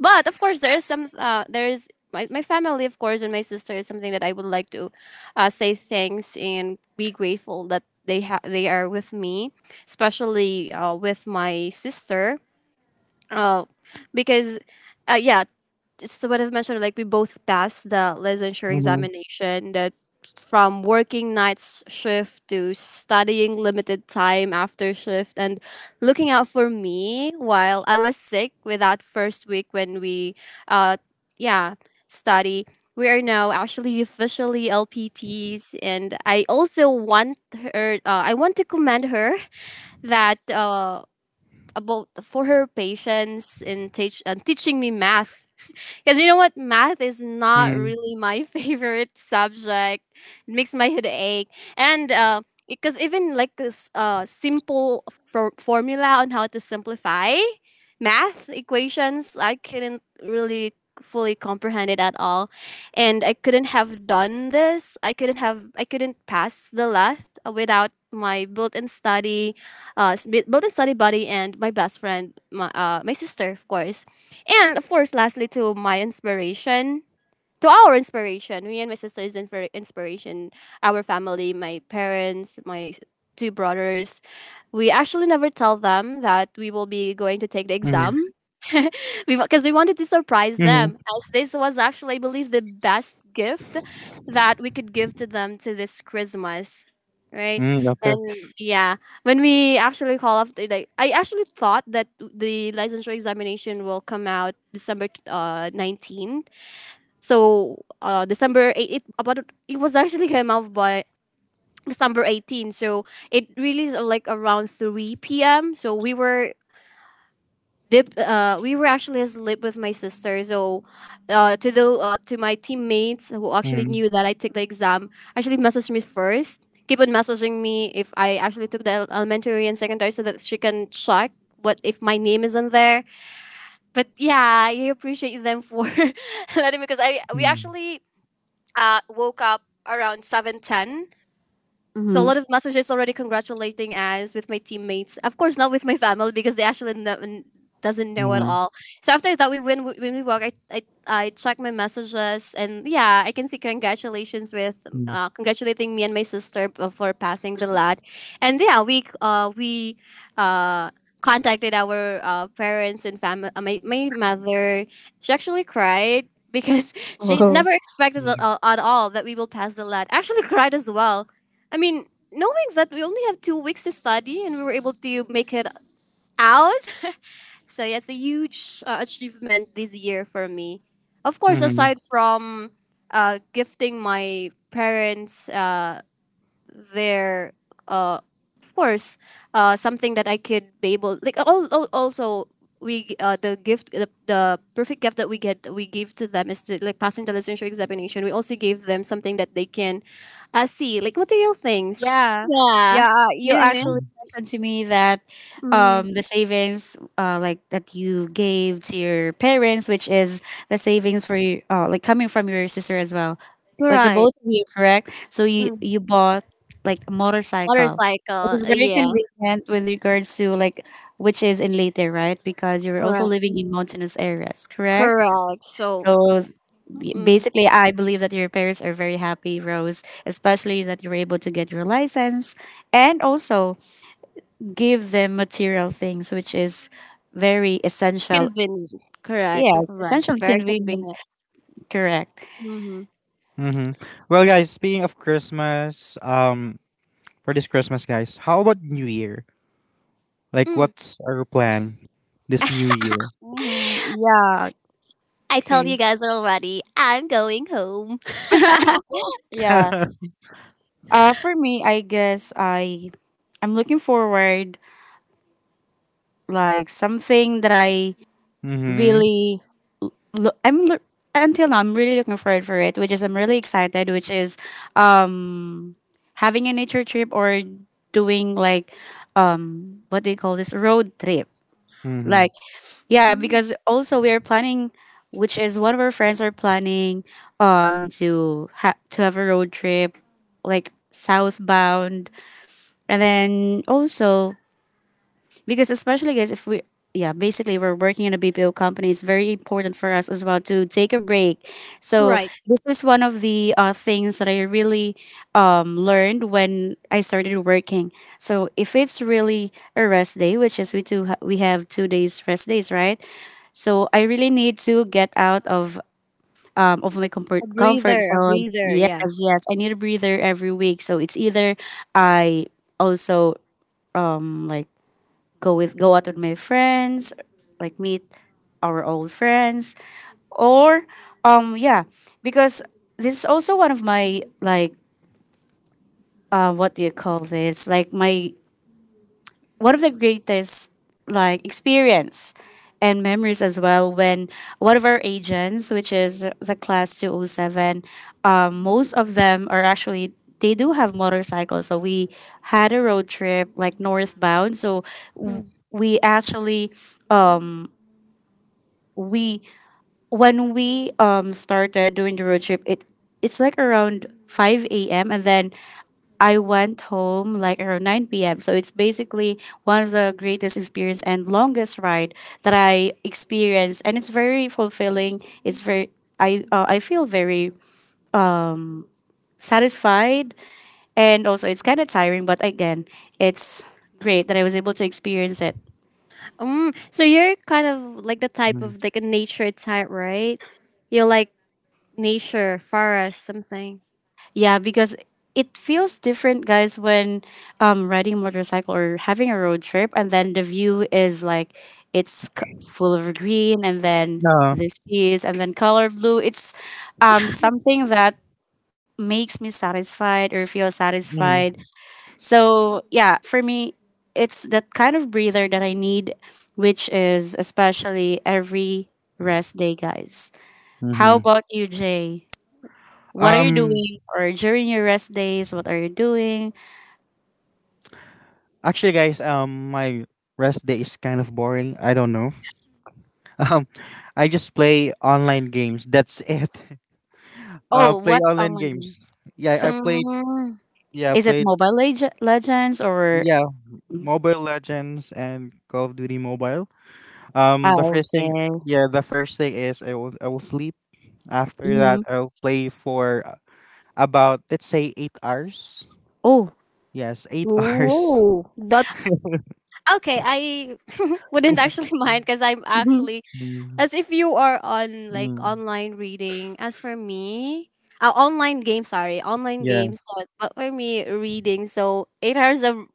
Speaker 1: But of course, there is some, uh, there is my, my family, of course, and my sister is something that I would like to uh, say thanks and be grateful that they ha- they are with me, especially uh, with my sister. Uh, because, uh, yeah, so what I've mentioned, like we both passed the licensure
Speaker 2: Mm-hmm.
Speaker 1: examination, that from working nights shift to studying limited time after shift and looking out for me while I was sick with that first week when we uh yeah, study. We are now actually officially L P Ts, and I also want her uh, I want to commend her that uh about for her patience in teach, uh, teaching me math, because you know what? Math is not really my favorite subject. It makes my head ache. And uh, because even like this uh, simple for- formula on how to simplify math equations, I couldn't really fully comprehend it at all. And I couldn't have done this. I couldn't have, I couldn't pass the last without my built-in study, uh, s- built-in study buddy and my best friend, my, uh, my sister, of course. And of course, lastly, to my inspiration, to our inspiration. Me and my sister is inspir- inspiration. Our family, my parents, my s- two brothers. We actually never tell them that we will be going to take the
Speaker 2: Mm-hmm.
Speaker 1: exam. We, because we wanted to surprise them, as this was actually, I believe, the best gift that we could give to them to this Christmas. Right.
Speaker 2: Mm-hmm. Okay.
Speaker 1: And yeah, when we actually call off, the, like I actually thought that the licensure examination will come out December uh nineteen, so uh, December eight, it about it was actually came out by December eighteenth. So it released uh, like around three p m. So we were dip, uh, we were actually asleep with my sister. So uh, to the uh, to my teammates who actually
Speaker 2: Mm-hmm.
Speaker 1: knew that I took the exam, actually messaged me first. Keep on messaging me if I actually took the el- elementary and secondary, so that she can check what if my name isn't there. But yeah, I appreciate them for letting me, because I we actually uh, woke up around seven ten, so a lot of messages already congratulating us with my teammates. Of course, not with my family, because they actually no, n- doesn't know at
Speaker 2: Mm-hmm.
Speaker 1: all. So after that, we when we- when we walk, I I, I check my messages, and yeah, I can see congratulations with uh, congratulating me and my sister b- for passing the lad, and yeah, we uh we uh contacted our uh, parents and family. Uh, my my mother, she actually cried. Because she
Speaker 3: Mm-hmm.
Speaker 1: never expected at all, at all, that we will pass the lad. Actually, cried as well. I mean, knowing that we only have two weeks to study, and we were able to make it out, so yeah, it's a huge uh, achievement this year for me. Of course,
Speaker 2: Mm-hmm.
Speaker 1: aside from uh, gifting my parents, uh, there uh of course, uh something that I could be able, like, all al- also, we uh the gift the, the perfect gift that we get that we give to them is to, like, passing the licensure examination. We also gave them something that they can uh see, like material things.
Speaker 3: Yeah, yeah.
Speaker 1: yeah
Speaker 3: uh, You
Speaker 1: yeah, yeah.
Speaker 3: actually mentioned to me that
Speaker 1: Mm,
Speaker 3: um, the savings, uh, like that you gave to your parents, which is the savings for you, uh, like coming from your sister as well, like the
Speaker 1: correct.
Speaker 3: both of you, correct? So you
Speaker 1: Mm,
Speaker 3: you bought like a motorcycle. It
Speaker 1: motorcycle,
Speaker 3: is
Speaker 1: uh,
Speaker 3: very
Speaker 1: yeah.
Speaker 3: convenient with regards to like which is in Leyte, right? Because you were also
Speaker 1: Correct,
Speaker 3: living in mountainous areas, correct?
Speaker 1: correct, so.
Speaker 3: So Y-
Speaker 1: Mm,
Speaker 3: basically I believe that your parents are very happy, Rose, especially that you were able to get your license, and also give them material things which is very essential.
Speaker 1: convenient, correct,
Speaker 3: Yes,
Speaker 1: right,
Speaker 3: essential,
Speaker 1: very
Speaker 3: convenient,
Speaker 1: convenient.
Speaker 3: correct.
Speaker 1: Mm-hmm.
Speaker 2: Mm-hmm. Well, guys, speaking of Christmas, um, for this Christmas, guys, how about New Year? Like, what's our plan this New Year?
Speaker 3: Hmm yeah,
Speaker 1: I
Speaker 3: okay.
Speaker 1: told you guys already, I'm going home.
Speaker 3: Yeah, uh for me I guess i i'm looking forward like something that I
Speaker 2: Mm-hmm.
Speaker 3: really lo- I'm l- until now I'm really looking forward for it, which is I'm really excited, which is um having a nature trip or doing like um what do you call this, road trip?
Speaker 2: Mm-hmm.
Speaker 3: Like, yeah,
Speaker 1: Mm.
Speaker 3: because also we are planning, which is one of our friends are planning um to ha- to have a road trip like southbound, and then also because especially, guys, if we, yeah, basically we're working in a B P O company, it's very important for us as well to take a break. So
Speaker 1: Right.
Speaker 3: this is one of the uh, things that I really um, learned when I started working. So if it's really a rest day, which is we do ha- we have two days rest days, right? So I really need to get out of um, of my
Speaker 1: A
Speaker 3: comfort comfort
Speaker 1: breather, a
Speaker 3: zone.
Speaker 1: breather,
Speaker 3: Yes,
Speaker 1: yeah.
Speaker 3: yes, I need a breather every week. So it's either I also like go with go out with my friends, like meet our old friends, or um yeah, because this is also one of my like uh what do you call this? Like my one of the greatest like experience and memories as well, when one of our agents, which is the class two oh seven, um, most of them are actually they do have motorcycles, so we had a road trip like northbound. So we actually we when we um started doing the road trip, it it's like around five a m, and then I went home like around nine p m. So it's basically one of the greatest experience and longest ride that I experienced, and it's very fulfilling. It's very I uh, I feel very satisfied, and also it's kind of tiring, but again, it's great that I was able to experience it.
Speaker 1: Um, so you're kind of like the type of like a nature type, right? You like nature, forest, something.
Speaker 3: Yeah, because it feels different, guys, when um riding a motorcycle or having a road trip, and then the view is like it's c- full of green, and then
Speaker 2: No.
Speaker 3: the seas, and then color blue. It's um something that makes me satisfied or feel satisfied.
Speaker 2: Mm,
Speaker 3: So yeah, for me, it's that kind of breather that I need, which is especially every rest day, guys. How
Speaker 2: mhm.
Speaker 3: about you, Jay? What are you
Speaker 2: Um,
Speaker 3: doing? Or during your rest days, what are you doing?
Speaker 2: Actually, guys, um, my rest day is kind of boring. I don't know. Um, I just play online games. That's it. Uh,
Speaker 3: Oh,
Speaker 2: play
Speaker 3: what
Speaker 2: online
Speaker 3: online game?
Speaker 2: games. Yeah,
Speaker 3: So
Speaker 2: I played.
Speaker 1: Mm.
Speaker 2: Yeah, I
Speaker 3: is it
Speaker 2: played.
Speaker 3: Mobile Leg- Legends or
Speaker 2: Yeah, Mobile Legends and Call of Duty Mobile. Um, the
Speaker 3: oh,
Speaker 2: first thing.
Speaker 3: okay?
Speaker 2: Yeah, the first thing is I will I will sleep. After
Speaker 3: Mm-hmm.
Speaker 2: that, I'll play for uh, about let's say eight hours.
Speaker 3: Oh,
Speaker 2: Yes, eight hours.
Speaker 1: Whoa, that's okay. I wouldn't actually mind, because I'm
Speaker 3: mm-hmm.
Speaker 1: actually,
Speaker 2: Mm,
Speaker 1: as if you are on like
Speaker 2: mm,
Speaker 1: online reading. As for me, uh, online games, sorry, online
Speaker 2: yeah.
Speaker 1: games. uh, But for me, reading. So eight hours of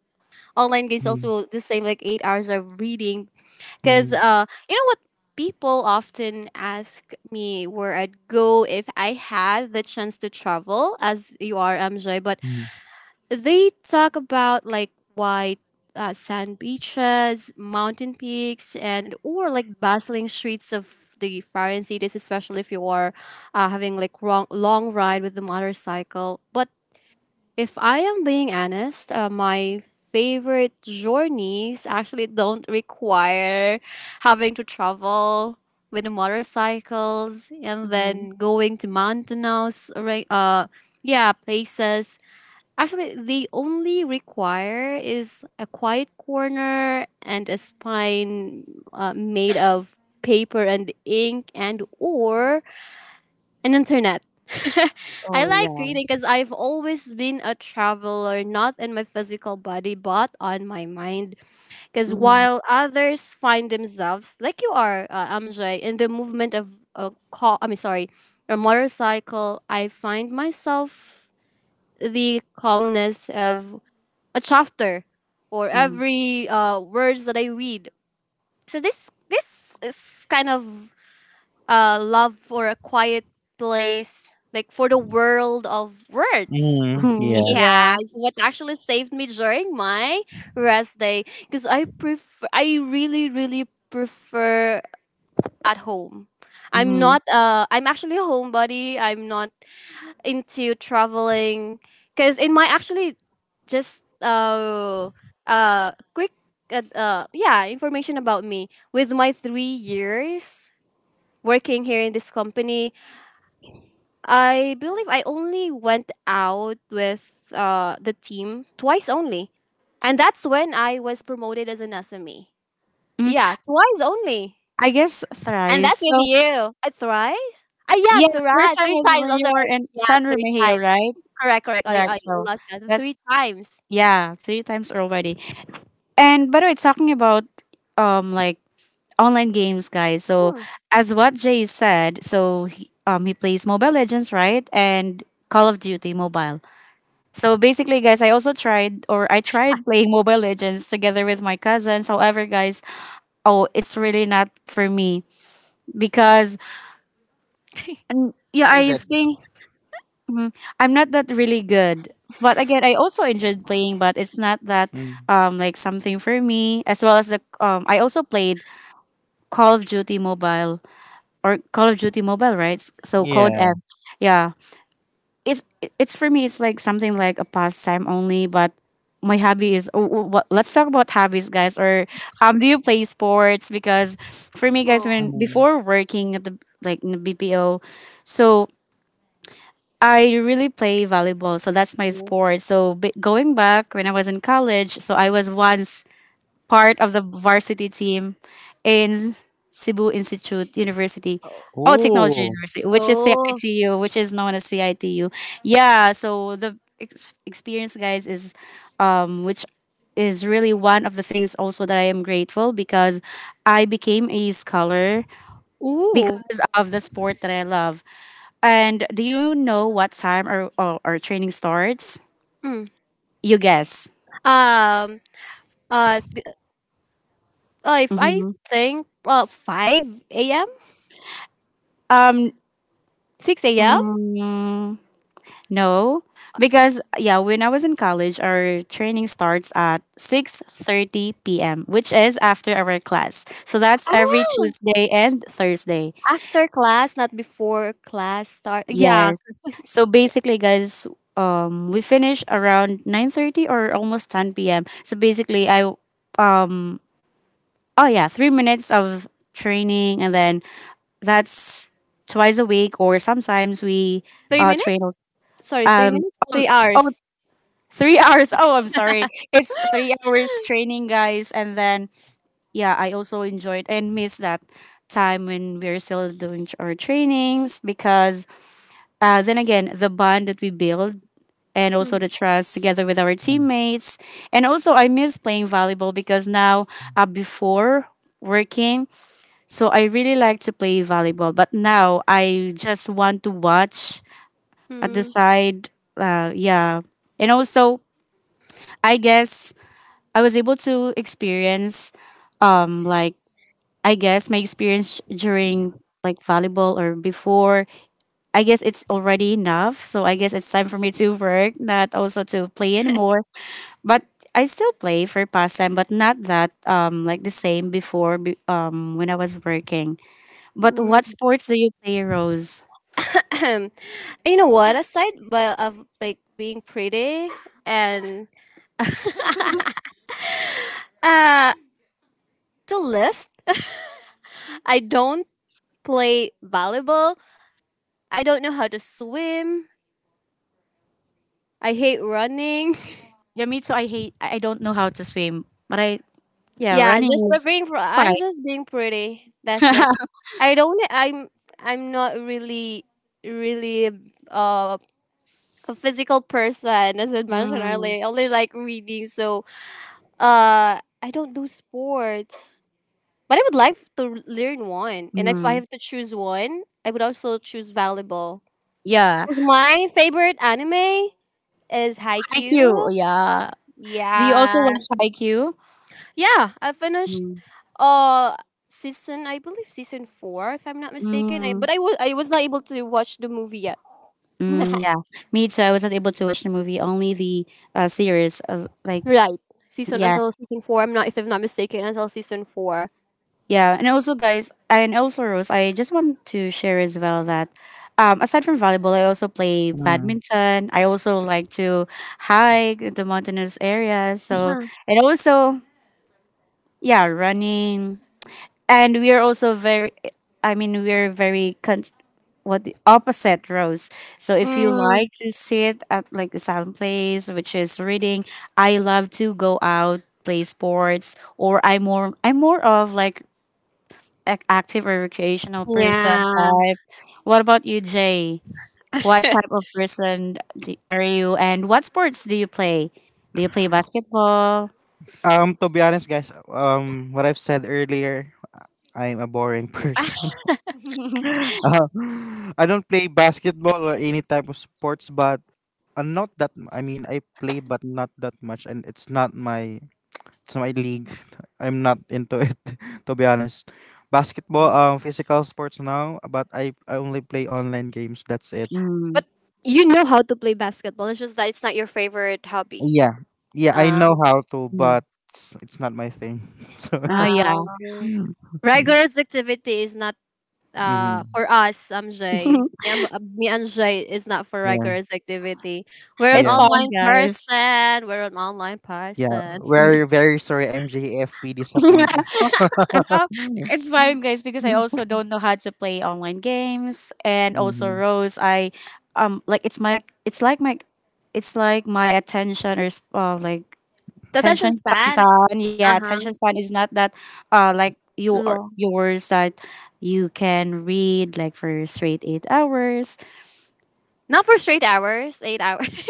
Speaker 1: online games
Speaker 2: Mm,
Speaker 1: also the same like eight hours of reading.
Speaker 2: mm.
Speaker 1: Cause uh, you know what? People often ask me where I'd go if I had the chance to travel, as you are, M J. But
Speaker 2: Mm.
Speaker 1: they talk about like white uh, sand beaches, mountain peaks, and or like bustling streets of the foreign cities, especially if you are uh, having like wrong, long ride with the motorcycle. But if I am being honest, uh, my favorite journeys actually don't require having to travel with the motorcycles and
Speaker 3: Mm-hmm.
Speaker 1: then going to mountainous right uh yeah places. Actually, the only require is a quiet corner and a spine uh, made of paper and ink, and or an internet. I
Speaker 3: Oh
Speaker 1: like
Speaker 3: yeah.
Speaker 1: reading because I've always been a traveler, not in my physical body, but on my mind. Because
Speaker 3: Mm-hmm.
Speaker 1: while others find themselves, like you are, uh, Amjay, in the movement of a car, I mean, sorry, a motorcycle, I find myself the calmness of a chapter or
Speaker 3: Mm-hmm.
Speaker 1: every uh, words that I read. So this this is kind of uh, love for a quiet place, like for the world of words.
Speaker 2: Mm, yeah.
Speaker 3: Yeah.
Speaker 1: Yeah, is what actually saved me during my rest day because I prefer I really really prefer at home. I'm
Speaker 3: Mm-hmm.
Speaker 1: not uh I'm actually a homebody. I'm not into traveling because in my actually just uh uh quick, uh, uh yeah, information about me with my three years working here in this company. I believe I only went out with uh the team twice only, and that's when I was promoted as an sme.
Speaker 3: hmm
Speaker 1: Yeah, twice only.
Speaker 3: I guess
Speaker 1: And that's
Speaker 3: thrice.
Speaker 1: with
Speaker 3: So
Speaker 1: you. Uh, thrice. Uh, yeah,
Speaker 3: yeah, the first
Speaker 1: thrice,
Speaker 3: time
Speaker 1: three
Speaker 3: was
Speaker 1: times,
Speaker 3: when
Speaker 1: I'm
Speaker 3: you
Speaker 1: sorry,
Speaker 3: were in
Speaker 1: yeah,
Speaker 3: San
Speaker 1: three
Speaker 3: Remigio,
Speaker 1: times.
Speaker 3: right?
Speaker 1: Correct, correct. I
Speaker 3: Correct.
Speaker 1: I
Speaker 3: So
Speaker 1: lost count three
Speaker 3: that's,
Speaker 1: times.
Speaker 3: yeah, three times already. And by the way, talking about um like online games, guys. So
Speaker 1: Mm.
Speaker 3: as what Jay said, so he, um he plays Mobile Legends, right? And Call of Duty Mobile. So basically, guys, I also tried or I tried playing Mobile Legends together with my cousins. However, guys, oh, it's really not for me because um, yeah,
Speaker 2: Why is
Speaker 3: I
Speaker 2: it?
Speaker 3: think I'm not that really good. But again, I also enjoyed playing, but it's not that
Speaker 2: Mm,
Speaker 3: um like something for me. As well as the um, I also played Call of Duty Mobile or Call of Duty Mobile, right? S- So Code
Speaker 2: yeah.
Speaker 3: M. Yeah, it's it's for me. It's like something like a pastime only, but my hobby is. Oh, oh, what, let's talk about hobbies, guys. Or um, do you play sports? Because for me, guys, when
Speaker 1: Oh,
Speaker 2: Mm.
Speaker 3: before working at the like in the B P O, so I really play volleyball. So that's my
Speaker 1: okay.
Speaker 3: sport. So b- going back, when I was in college, so I was once part of the varsity team in Cebu Institute University.
Speaker 1: Oh.
Speaker 3: Oh, Technology
Speaker 2: Ooh.
Speaker 3: University, which is
Speaker 1: Oh.
Speaker 3: C I T U, which is known as C I T U. Yeah, so the ex- experience, guys, is um, which is really one of the things also that I am grateful, because I became a scholar
Speaker 1: Ooh.
Speaker 3: because of the sport that I love. And do you know what time our, our, our training starts?
Speaker 1: Mm.
Speaker 3: You guess.
Speaker 1: Um, uh, s- uh, if I
Speaker 3: hmm
Speaker 1: think, uh, five a m,
Speaker 3: Um,
Speaker 1: six a m.
Speaker 3: mm, No, because, yeah, when I was in college, our training starts at six thirty p m, which is after our class. So that's every
Speaker 1: Oh,
Speaker 3: Tuesday and Thursday.
Speaker 1: after class, not before class start. Yeah,
Speaker 3: Yes. So basically, guys, um we finish around nine thirty or almost ten p m. So basically, I um oh yeah, three minutes of training, and then that's twice a week, or sometimes we
Speaker 1: three
Speaker 3: uh train
Speaker 1: minutes.
Speaker 3: als-
Speaker 1: Sorry, three
Speaker 3: um
Speaker 1: minutes,
Speaker 3: um,
Speaker 1: three
Speaker 3: oh,
Speaker 1: hours.
Speaker 3: three hours. Oh, I'm sorry. It's three hours training, guys. And then, yeah, I also enjoyed and missed that time when we were still doing tr- our trainings, because, uh, then again, the bond that we build and also
Speaker 1: Mm,
Speaker 3: the trust together with our
Speaker 2: Mm,
Speaker 3: teammates. And also, I miss playing volleyball because now, uh, before working, so I really like to play volleyball. But now, I just want to watch at the
Speaker 1: mm,
Speaker 3: side. Uh, yeah. And also, I guess I was able to experience um like I guess my experience during like volleyball or before, I guess it's already enough, so I guess it's time for me to work, not also to play anymore, but I still play for pastime, but not that um like the same before, be- um when I was working. But
Speaker 1: mm.
Speaker 3: what sports do you play, Rose?
Speaker 1: Ahem. You know what? Aside by, of like being pretty and uh, to list, I don't play volleyball. I don't know how to swim. I hate running.
Speaker 3: Yeah, me too. I hate, I I don't know how to swim, but I, yeah,
Speaker 1: Yeah,
Speaker 3: running
Speaker 1: just for
Speaker 3: is
Speaker 1: being pr- I'm
Speaker 3: fine.
Speaker 1: just being pretty. That's it. I don't I'm I'm not really really uh, a physical person as I mentioned
Speaker 3: Mm,
Speaker 1: earlier. I only like reading, so uh I don't do sports. But I would like to learn one. And if I
Speaker 3: mm.
Speaker 1: have to choose one, I would also choose volleyball.
Speaker 3: Yeah,
Speaker 1: Because my favorite anime is
Speaker 3: I Q,
Speaker 1: Haikyuu.
Speaker 3: yeah. Do you also
Speaker 1: Yeah.
Speaker 3: watch I Q?
Speaker 1: Yeah, I finished
Speaker 3: Mm,
Speaker 1: uh season I believe season four, if I'm not mistaken. I,
Speaker 3: mm,
Speaker 1: but I was I was not able to watch the movie yet.
Speaker 3: mm, yeah, me too. I wasn't able to watch the movie, only the uh, series of like,
Speaker 1: Right. Season
Speaker 3: yeah,
Speaker 1: until season four. I'm not if I'm not mistaken, until season four.
Speaker 3: yeah. And also, guys, and also, Rose, I just want to share as well that, um, aside from volleyball, I also play
Speaker 2: mm.
Speaker 3: badminton. I also like to hike in the mountainous areas. So,
Speaker 1: Huh.
Speaker 3: and also, yeah, running. And we are also very, I mean, we are very con- what, the opposite, rows so if you
Speaker 1: Mm,
Speaker 3: like to sit at like the silent place which is reading, I love to go out, play sports, or i'm more i'm more of like an active or recreational person
Speaker 1: yeah.
Speaker 3: type. What about you, Jay? What type of person d- are you, and what sports do you play? Do you play basketball?
Speaker 2: Um, to be honest, guys, um, what I've said earlier, I'm a boring person. Uh, I don't play basketball or any type of sports, but uh, not that. M- I mean, I play, but not that much, and it's not my it's not my league. I'm not into it, to be honest. Basketball,
Speaker 3: Mm,
Speaker 2: um, physical sports now, but I I only play online games. That's it.
Speaker 1: But you know how to play basketball. It's just that it's not your favorite hobby.
Speaker 2: Yeah. Yeah, I
Speaker 1: Um,
Speaker 2: know how to, but
Speaker 3: mm.
Speaker 2: it's, it's not my thing. So,
Speaker 3: Oh yeah.
Speaker 1: um, Rigorous activity is not uh
Speaker 2: mhm.
Speaker 1: for us, M J. Me, and- uh, me and Jay is not for
Speaker 2: yeah,
Speaker 1: rigorous activity. We're an
Speaker 3: It's
Speaker 2: yeah,
Speaker 3: fun,
Speaker 1: online
Speaker 3: guys.
Speaker 1: person, we're an online
Speaker 2: yeah.
Speaker 1: person.
Speaker 2: Very, very sorry, M J, if we disappoint
Speaker 3: Well,
Speaker 2: you.
Speaker 3: it's fine, guys, because I also don't know how to play online games, and also
Speaker 2: Mhm.
Speaker 3: Rose, I um like it's my it's like my it's like my attention or sp- uh, like
Speaker 1: The attention
Speaker 3: attention span
Speaker 1: span,
Speaker 3: time. Yeah, attention
Speaker 1: uh-huh,
Speaker 3: span is not that uh like, you are,
Speaker 1: long,
Speaker 3: yours, that you can read like for straight eight hours.
Speaker 1: not for straight hours, eight hours.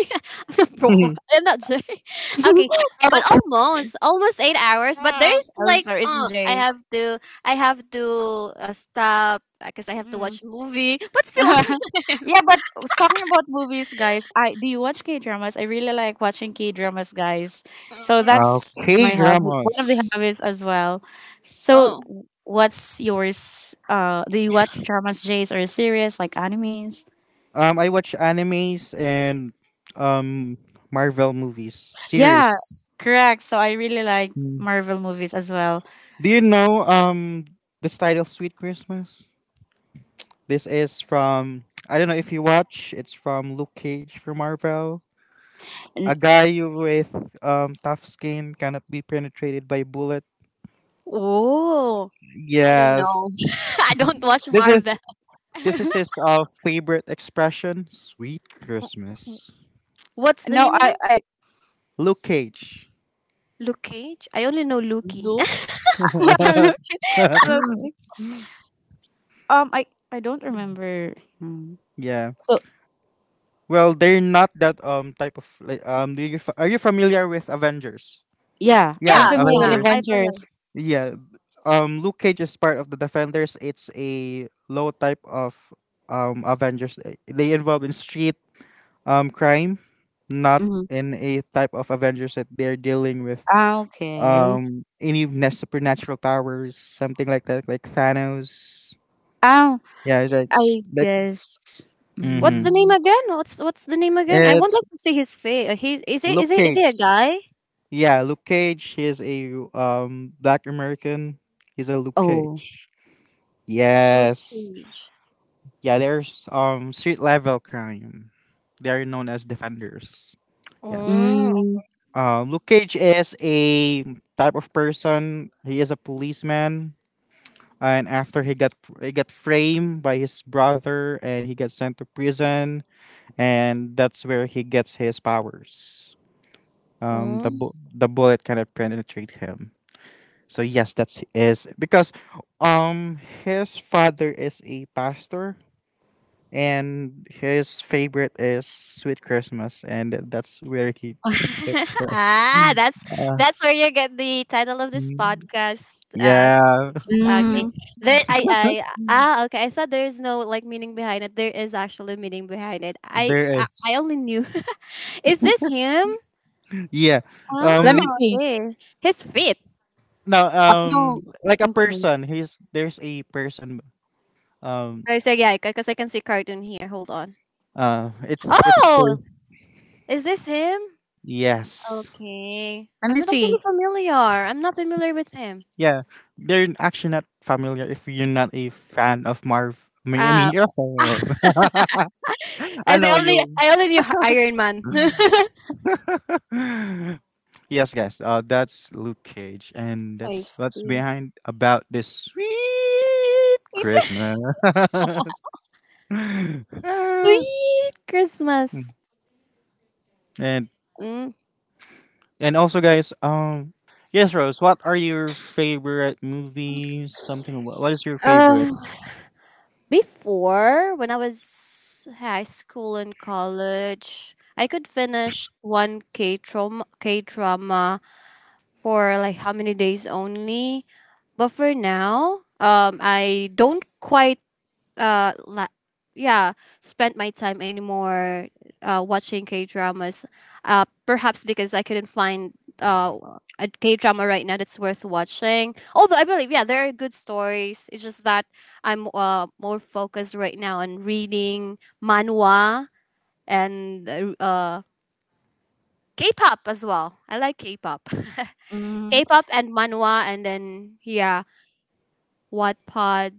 Speaker 1: I'm not, bro. I'm not Jay. Okay. But
Speaker 3: Oh
Speaker 1: almost almost eight hours, but
Speaker 3: no,
Speaker 1: there's
Speaker 3: I'm
Speaker 1: like
Speaker 3: sorry, it's
Speaker 1: uh, I
Speaker 3: Jay.
Speaker 1: have to I have to uh, stop because I have to
Speaker 3: Mm.
Speaker 1: watch movie but still.
Speaker 3: Yeah, but talking about movies, guys, I do you watch K dramas? I really like watching K dramas, guys. So
Speaker 1: I'm,
Speaker 3: that's
Speaker 2: Okay,
Speaker 3: my hobby, one of the
Speaker 2: dramas.
Speaker 3: hobbies as well. So,
Speaker 1: oh
Speaker 3: what's yours? Uh, do you watch dramas, Jays, or series like animes?
Speaker 2: Um, I watch animes and um Marvel movies
Speaker 3: Yeah,
Speaker 2: series.
Speaker 3: correct. So I really like
Speaker 2: Mm.
Speaker 3: Marvel movies as well.
Speaker 2: Do you know um this title, Sweet Christmas? This is from, I don't know if you watch. It's from Luke Cage from Marvel. A
Speaker 3: N-
Speaker 2: guy with um, tough skin cannot be penetrated by bullet.
Speaker 1: Oh, I don't know.
Speaker 2: Yes.
Speaker 1: I don't watch
Speaker 2: This is
Speaker 1: Marvel.
Speaker 2: this is his uh, favorite expression. Sweet Christmas.
Speaker 1: What's the
Speaker 3: no,
Speaker 1: name
Speaker 3: I
Speaker 1: again?
Speaker 3: I
Speaker 2: Luke Cage.
Speaker 1: Luke Cage. I only know Lukey.
Speaker 3: look. um, I I don't remember. Hmm.
Speaker 2: Yeah.
Speaker 3: So
Speaker 2: Well, they're not that um type of like um. Do you fa- are you familiar with Avengers?
Speaker 3: yeah,
Speaker 2: Yeah,
Speaker 3: I'm
Speaker 1: Yeah,
Speaker 3: familiar
Speaker 1: yeah.
Speaker 3: with
Speaker 1: I
Speaker 2: Avengers.
Speaker 1: forgot.
Speaker 3: Avengers.
Speaker 2: Yeah. Um, Luke Cage is part of the Defenders. It's a low type of um Avengers. They they involve in street um crime, not
Speaker 3: Mhm.
Speaker 2: in a type of Avengers that they're dealing with
Speaker 3: Ah, okay.
Speaker 2: um any of supernatural powers, something like that, like Thanos.
Speaker 3: Oh,
Speaker 2: Yeah, it's like, s-
Speaker 3: I
Speaker 2: like
Speaker 3: guess.
Speaker 1: What's
Speaker 2: mm-hmm.
Speaker 1: the name
Speaker 3: Mm,
Speaker 1: again? What's what's the name again? I would
Speaker 2: it's
Speaker 1: like to see his face. He's is it
Speaker 2: Luke
Speaker 1: is it is he
Speaker 2: Cage.
Speaker 1: a guy?
Speaker 2: Yeah, Luke Cage. He's a um Black American. He's a Luke
Speaker 3: oh.
Speaker 2: Cage.
Speaker 1: Luke
Speaker 2: Yes.
Speaker 1: Cage.
Speaker 2: Yeah, there's um street level crime. They are known as defenders. Yes.
Speaker 3: Mm,
Speaker 2: Um, Luke Cage is a type of person. He is a policeman, and after he got he got framed by his brother, and he got sent to prison, and that's where he gets his powers. Um, the
Speaker 1: Oh,
Speaker 2: bu- the bullet kind of penetrate him. So yes, that's is because um his father is a pastor and his favorite is Sweet Christmas, and that's where he.
Speaker 1: ah, that's
Speaker 2: Uh,
Speaker 1: that's where you get the title of this podcast. Uh,
Speaker 2: Yeah,
Speaker 1: Christmas. Ah, okay,
Speaker 3: mm.
Speaker 1: there. I. I. Ah. Okay. I thought there is no like meaning behind it. There is actually meaning behind it. I.
Speaker 2: there
Speaker 1: I, I
Speaker 2: is.
Speaker 1: only knew. Is this him?
Speaker 2: Yeah.
Speaker 3: Let
Speaker 2: Um
Speaker 3: me
Speaker 2: y-
Speaker 1: Oh.
Speaker 3: see.
Speaker 1: Okay. His feet.
Speaker 2: Now
Speaker 3: Oh,
Speaker 2: um like a
Speaker 3: okay.
Speaker 2: person, he's there's a person um
Speaker 1: I said yeah, because I can see cartoon here. Hold on.
Speaker 2: uh it's it's a
Speaker 1: Oh,
Speaker 2: pers-
Speaker 1: is this him?
Speaker 2: yes.
Speaker 1: Okay.
Speaker 3: Let
Speaker 1: I'm
Speaker 3: me
Speaker 1: not
Speaker 3: see.
Speaker 1: actually familiar. I'm not familiar with him.
Speaker 2: Yeah. They're actually not familiar if you're not a fan of Marv. I mean, I mean,
Speaker 1: Ah,
Speaker 2: you're a fan of. I
Speaker 1: I say
Speaker 2: know
Speaker 1: only
Speaker 2: you.
Speaker 1: I only knew Iron Man.
Speaker 2: Yes, guys. Uh that's Luke Cage and
Speaker 1: I
Speaker 2: that's what's
Speaker 1: see.
Speaker 2: behind about this sweet Christmas. Ah.
Speaker 1: Sweet Christmas.
Speaker 2: And
Speaker 1: Mm.
Speaker 2: And also, guys, um, yes, Rose, what are your favorite movies? Something. wha- What is your
Speaker 1: Uh,
Speaker 2: favorite?
Speaker 1: Before, when I was high school and college, I could finish one K trauma K drama for like how many days only. But for now, um, I don't quite uh la- yeah, spent my time anymore uh watching K dramas, uh perhaps because I couldn't find uh a K drama right now that's worth watching, although I believe yeah there are good stories. It's just that I'm uh more focused right now on reading manhwa, and uh uh, K-pop as well. I like K-pop.
Speaker 3: Mm,
Speaker 1: K-pop and manhwa, and then yeah, Wattpad,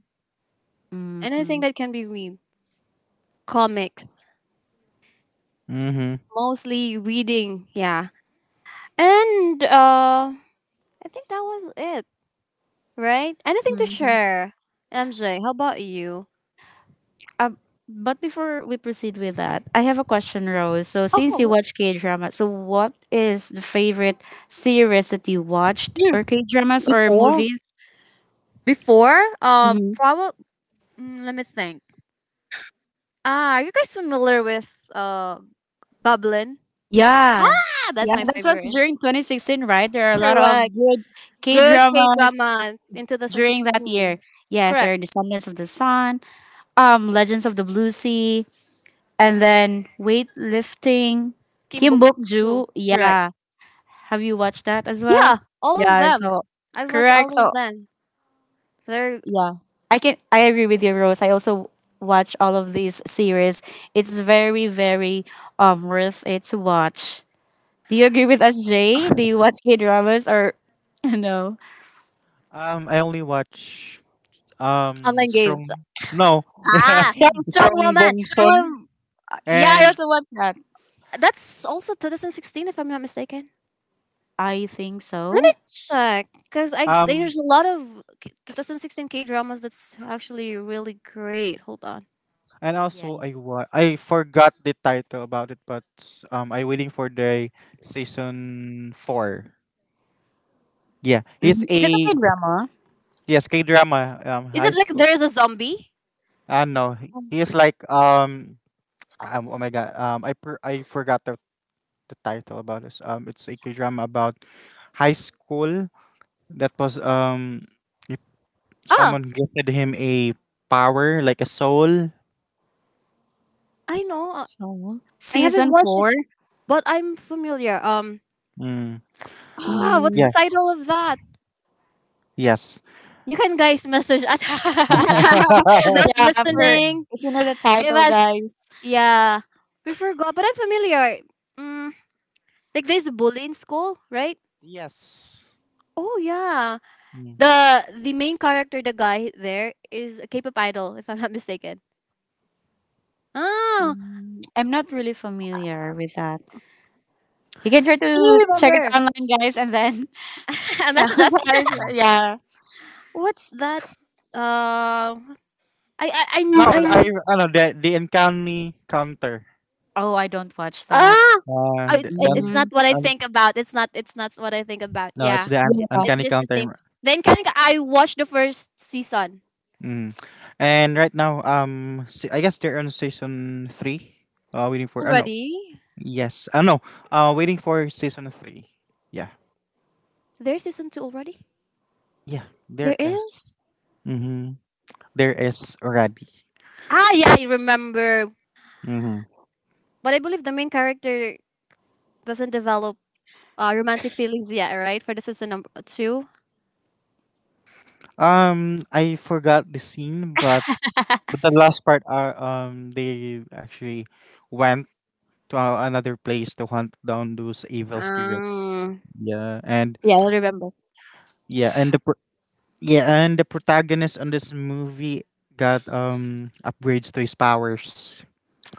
Speaker 3: mm-hmm,
Speaker 1: anything that can be read, comics.
Speaker 2: Mm-hmm.
Speaker 1: Mostly reading, yeah. And uh I think that was it, right? Anything to
Speaker 3: mm-hmm.
Speaker 1: share? M J, how about you?
Speaker 3: Uh, but before we proceed with that, I have a question, Rose. So, since you
Speaker 1: Okay.
Speaker 3: watch K drama, so what is the favorite series that you watched,
Speaker 1: Mm,
Speaker 3: or K dramas or
Speaker 1: before?
Speaker 3: movies?
Speaker 1: Before? Uh,
Speaker 3: Mm-hmm.
Speaker 1: probably. Mm, let me think. Ah, are you guys familiar with uh Goblin?
Speaker 3: Yeah.
Speaker 1: Ah, that's
Speaker 3: Yeah,
Speaker 1: my
Speaker 3: that's what's
Speaker 1: favorite.
Speaker 3: during twenty sixteen, right? There are a lot of
Speaker 1: Correct.
Speaker 3: good K
Speaker 1: Good K
Speaker 3: dramas
Speaker 1: drama in
Speaker 3: during that year.
Speaker 1: twenty sixteen.
Speaker 3: Yes, there
Speaker 1: Correct.
Speaker 3: are Descendants of the Sun, um, Legends of the Blue Sea, and then Weightlifting,
Speaker 1: Kim
Speaker 3: Kim
Speaker 1: Bok
Speaker 3: Bok
Speaker 1: Choo.
Speaker 3: Ju.
Speaker 1: Correct.
Speaker 3: Yeah. Have you watched that as well?
Speaker 1: Yeah, all of
Speaker 3: Yeah,
Speaker 1: them.
Speaker 3: so
Speaker 1: I've watched
Speaker 3: correct.
Speaker 1: all of
Speaker 3: So
Speaker 1: them. They're
Speaker 3: yeah. I can I agree with you, Rose. I also watch all of these series. It's very, very um worth it to watch. Do you agree with us, Jay? Do you watch K dramas or no?
Speaker 2: Um, I only watch um
Speaker 1: online games.
Speaker 2: Strong. No,
Speaker 1: Ah,
Speaker 3: Shang
Speaker 1: Strong
Speaker 2: Strong
Speaker 1: Woman.
Speaker 2: Bong
Speaker 3: Tsung.
Speaker 2: Son,
Speaker 3: Yeah, I
Speaker 2: and
Speaker 3: also watch that.
Speaker 1: That's also twenty sixteen, if I'm not mistaken.
Speaker 3: I think
Speaker 1: Let me
Speaker 3: so.
Speaker 1: check, because I
Speaker 2: um,
Speaker 1: there's a lot of K- twenty sixteen K dramas that's actually really great. Hold on.
Speaker 2: and also I
Speaker 3: Yes.
Speaker 2: wa- I forgot the title about it, but um, I waiting for the season four. Yeah, he's
Speaker 3: Mhm. Is it a K
Speaker 2: a
Speaker 3: drama?
Speaker 2: yes K drama. Um,
Speaker 1: Is
Speaker 2: high
Speaker 1: it like
Speaker 2: school.
Speaker 1: there's a zombie?
Speaker 2: I don't know. He
Speaker 1: Um,
Speaker 2: he is like um Um, oh my god. Um, I per- I forgot the, the title about this. Um, it's a K drama about high school that was um if
Speaker 1: Ah,
Speaker 2: someone gifted him a power like a soul.
Speaker 1: I know. uh,
Speaker 3: So
Speaker 1: I
Speaker 3: season
Speaker 1: haven't watched it,
Speaker 3: four.
Speaker 1: but I'm familiar. Um,
Speaker 2: Mm.
Speaker 1: ah, what's the
Speaker 3: Mhm.
Speaker 2: Yeah.
Speaker 1: title of that?
Speaker 2: Yes.
Speaker 1: You can guys message us. To those
Speaker 3: Yeah, for
Speaker 1: listening,
Speaker 3: if you know the
Speaker 1: give
Speaker 3: title,
Speaker 2: Mm.
Speaker 1: us.
Speaker 3: guys.
Speaker 1: Yeah, we forgot, but I'm familiar. Mm, like there's a bully in school, right?
Speaker 2: Yes.
Speaker 1: Oh yeah.
Speaker 2: Mm,
Speaker 1: The the main character, the guy there, is a K-pop idol, if I'm not mistaken. Oh,
Speaker 3: Mm, I'm not really familiar with that. You can try
Speaker 1: can
Speaker 3: to
Speaker 1: you
Speaker 3: check it
Speaker 1: remember.
Speaker 3: online, guys, and then so,
Speaker 1: Message
Speaker 3: so
Speaker 1: us.
Speaker 3: I- so,
Speaker 2: mm.
Speaker 3: yeah.
Speaker 1: What's that? Uh, I I I,
Speaker 2: No,
Speaker 1: kn- I
Speaker 2: I
Speaker 1: kn-
Speaker 2: I know the the uncanny counter.
Speaker 3: Oh, I don't watch that.
Speaker 1: ah.
Speaker 2: Uh,
Speaker 1: I,
Speaker 2: th-
Speaker 1: it,
Speaker 2: then
Speaker 1: it's
Speaker 3: Mm,
Speaker 1: not what I
Speaker 2: un,
Speaker 1: think about. It's not. It's not what I think about.
Speaker 2: no, it's
Speaker 1: Yeah,
Speaker 2: the un,
Speaker 1: it
Speaker 3: yeah.
Speaker 1: it's
Speaker 2: uncanny
Speaker 1: just the same.
Speaker 2: counter.
Speaker 1: Then kind of I watched the first season
Speaker 2: Mm. And right now, um, se- I guess they're on season three. Uh, waiting for. Uh, no.
Speaker 1: already.
Speaker 2: Yes. Uh, no. Uh, waiting for season three. Yeah.
Speaker 1: There's season two already.
Speaker 2: Yeah.
Speaker 1: There
Speaker 2: There is.
Speaker 1: is.
Speaker 2: Mm-hmm. There is already.
Speaker 1: Ah, yeah, I remember.
Speaker 2: Mm-hmm.
Speaker 1: But I believe the main character doesn't develop Uh, romantic feelings, yeah, right? For this is a number two.
Speaker 2: Um, I forgot the scene, but but the last part are um they actually went to uh, another place to hunt down those evil spirits.
Speaker 1: Um,
Speaker 2: Yeah, and
Speaker 1: yeah, I remember.
Speaker 2: yeah, and the yeah, and the protagonist on this movie got um upgrades to his powers.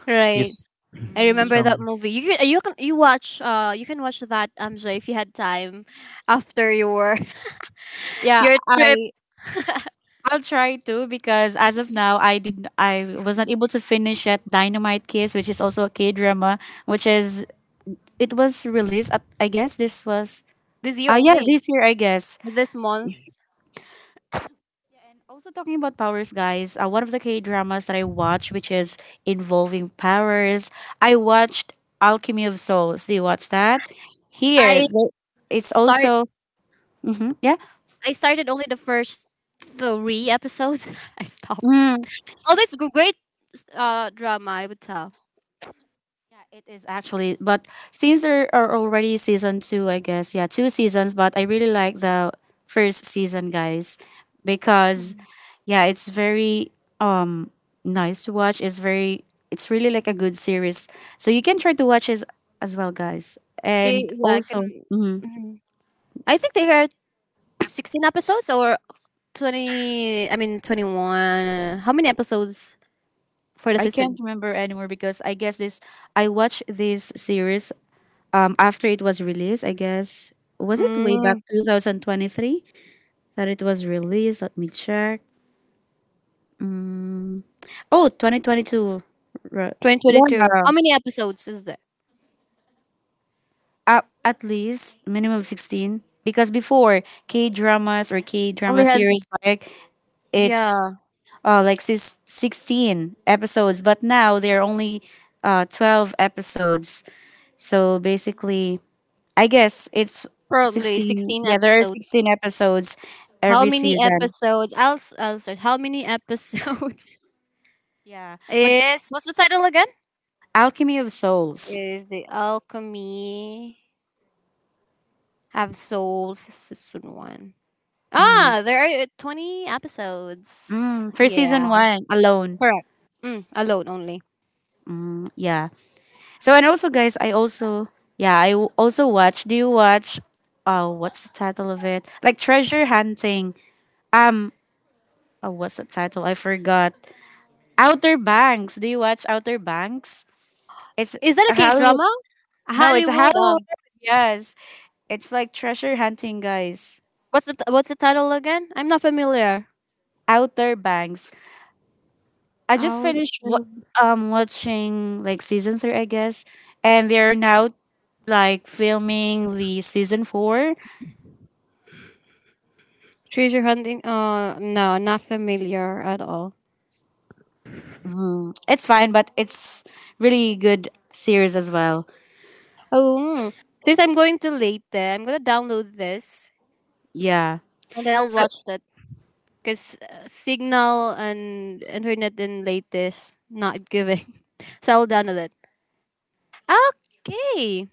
Speaker 1: Right,
Speaker 2: He's
Speaker 1: I
Speaker 3: Mm.
Speaker 1: remember that
Speaker 2: strong.
Speaker 1: movie. You can you can you watch uh you can watch that um Joy if you had time after your
Speaker 3: Yeah,
Speaker 1: your trip
Speaker 3: I I'll try to because as of now I did I was not able to finish yet Dynamite Kiss, which is also a K drama, which is it was released at, I guess this was
Speaker 1: this year
Speaker 3: uh yeah,
Speaker 1: only,
Speaker 3: this year I guess.
Speaker 1: this month.
Speaker 3: Yeah, and also talking about powers, guys, uh, one of the K dramas that I watched which is involving powers, I watched Alchemy of Souls. Do you watch that? Here
Speaker 1: I
Speaker 3: the- it's
Speaker 1: start
Speaker 3: also hmm yeah.
Speaker 1: I started only the first three episodes. I stopped.
Speaker 3: Mm.
Speaker 1: Oh, that's g- great uh drama. I would tell.
Speaker 3: Yeah, it is actually. But since there are already season two, I guess, yeah, two seasons, but I really like the first season, guys, because yeah, it's very um nice to watch. It's very it's really like a good series. So you can try to watch it as well, guys.
Speaker 1: Eh,
Speaker 3: And
Speaker 1: Yeah, I can.
Speaker 3: also, mhm,
Speaker 1: Mhm. I think there are sixteen episodes or twenty, I mean twenty one, how many episodes for the
Speaker 3: I can't
Speaker 1: season.
Speaker 3: remember anymore because I guess this I watched this series um after it was released, I guess. Was it way back
Speaker 1: Mm,
Speaker 3: twenty twenty-three that it was released? Let me check. Mm. Oh, twenty twenty two. Right. Yeah.
Speaker 1: twenty twenty two, how many episodes is there,
Speaker 3: At, at least minimum sixteen because before K-dramas or
Speaker 1: only
Speaker 3: K-drama
Speaker 1: has,
Speaker 3: series like
Speaker 1: yeah,
Speaker 3: it's uh like sis- sixteen episodes but now they're only uh twelve episodes. So basically, I guess it's
Speaker 1: probably
Speaker 3: sixteen.
Speaker 1: sixteen
Speaker 3: Yeah, there are
Speaker 1: episodes.
Speaker 3: sixteen episodes
Speaker 1: How
Speaker 3: every
Speaker 1: many
Speaker 3: season.
Speaker 1: episodes i'll, s- I'll start, how many episodes
Speaker 3: Yeah. But
Speaker 1: is, what's the title again?
Speaker 3: Alchemy of Souls.
Speaker 1: Is the alchemy of souls season one,
Speaker 3: Mm.
Speaker 1: ah there are twenty episodes,
Speaker 3: Mm, for
Speaker 1: yeah.
Speaker 3: season one alone.
Speaker 1: Correct. Mm, alone only.
Speaker 3: Mm, yeah. So and also guys, I also yeah, I w- also watch. Do you watch uh what's the title of it? Like Treasure Hunting. Um oh, what's the title? I forgot. Outer Banks. Do you watch Outer Banks? It's
Speaker 1: Is that
Speaker 3: a
Speaker 1: a k
Speaker 3: Hollywood.
Speaker 1: drama?
Speaker 3: No, it's a
Speaker 1: Hollywood.
Speaker 3: Hollywood. Yes. It's like treasure hunting, guys.
Speaker 1: What's the t- what's the title again? I'm not familiar.
Speaker 3: Outer Banks. I just
Speaker 1: Out
Speaker 3: finished wa- um watching like season three, I guess. And they're now like filming the season four.
Speaker 1: treasure hunting. Uh, no, not familiar at all.
Speaker 3: Mhm. It's fine, but it's really good series as well.
Speaker 1: Oh, mm. Since I'm going to late there, I'm gonna download this
Speaker 3: Yeah.
Speaker 1: and then I'll
Speaker 3: So,
Speaker 1: watch that. Cause uh, signal and internet in latest not giving, so I'll download it. Okay,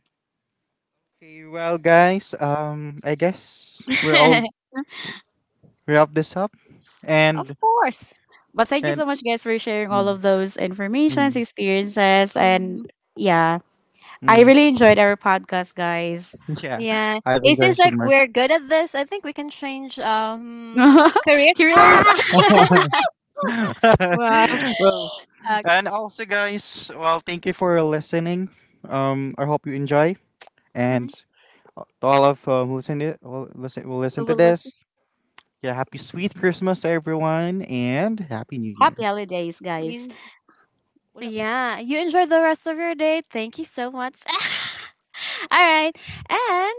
Speaker 2: Okay, well, guys, um, I guess we're all wrap this up,
Speaker 1: of
Speaker 2: and
Speaker 1: course.
Speaker 3: but thank you
Speaker 2: and
Speaker 3: so much, guys, for sharing all
Speaker 2: mm,
Speaker 3: of those
Speaker 2: mm,
Speaker 3: informations, experiences,
Speaker 1: Mm,
Speaker 3: and yeah, I
Speaker 2: mm.
Speaker 3: really enjoyed our podcast, guys.
Speaker 2: Yeah,
Speaker 1: yeah,
Speaker 2: I've
Speaker 1: it
Speaker 2: enjoyed
Speaker 1: seems
Speaker 2: so
Speaker 1: like
Speaker 2: much.
Speaker 1: we're good at this. I think we can change um career. Ah!
Speaker 3: Curious. Wow.
Speaker 2: Well, and also, guys, well, thank you for listening. Um, I hope you enjoy, and
Speaker 1: Uh,
Speaker 2: to all of uh, who listen to, who listen, will
Speaker 1: We
Speaker 2: listen to
Speaker 1: will listen.
Speaker 2: this. Yeah, happy sweet Christmas to everyone and happy new year.
Speaker 3: Happy holidays, guys.
Speaker 1: You,
Speaker 3: Wala pa na-
Speaker 1: yeah, you enjoy the rest of your day. Thank you so much. All right, and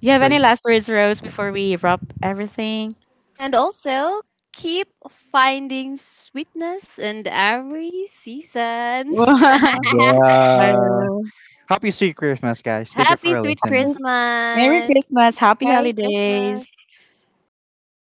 Speaker 3: you have any
Speaker 2: Like.
Speaker 3: last words, Rose, before we wrap everything?
Speaker 1: and also keep finding sweetness in every season.
Speaker 3: Wow.
Speaker 2: Yeah. Happy sweet Christmas guys. Thank you
Speaker 1: Happy
Speaker 2: for
Speaker 1: sweet
Speaker 2: listening.
Speaker 3: Merry
Speaker 1: Christmas.
Speaker 3: Christmas. Happy
Speaker 1: Merry Christmas.
Speaker 3: holidays.
Speaker 1: Bye.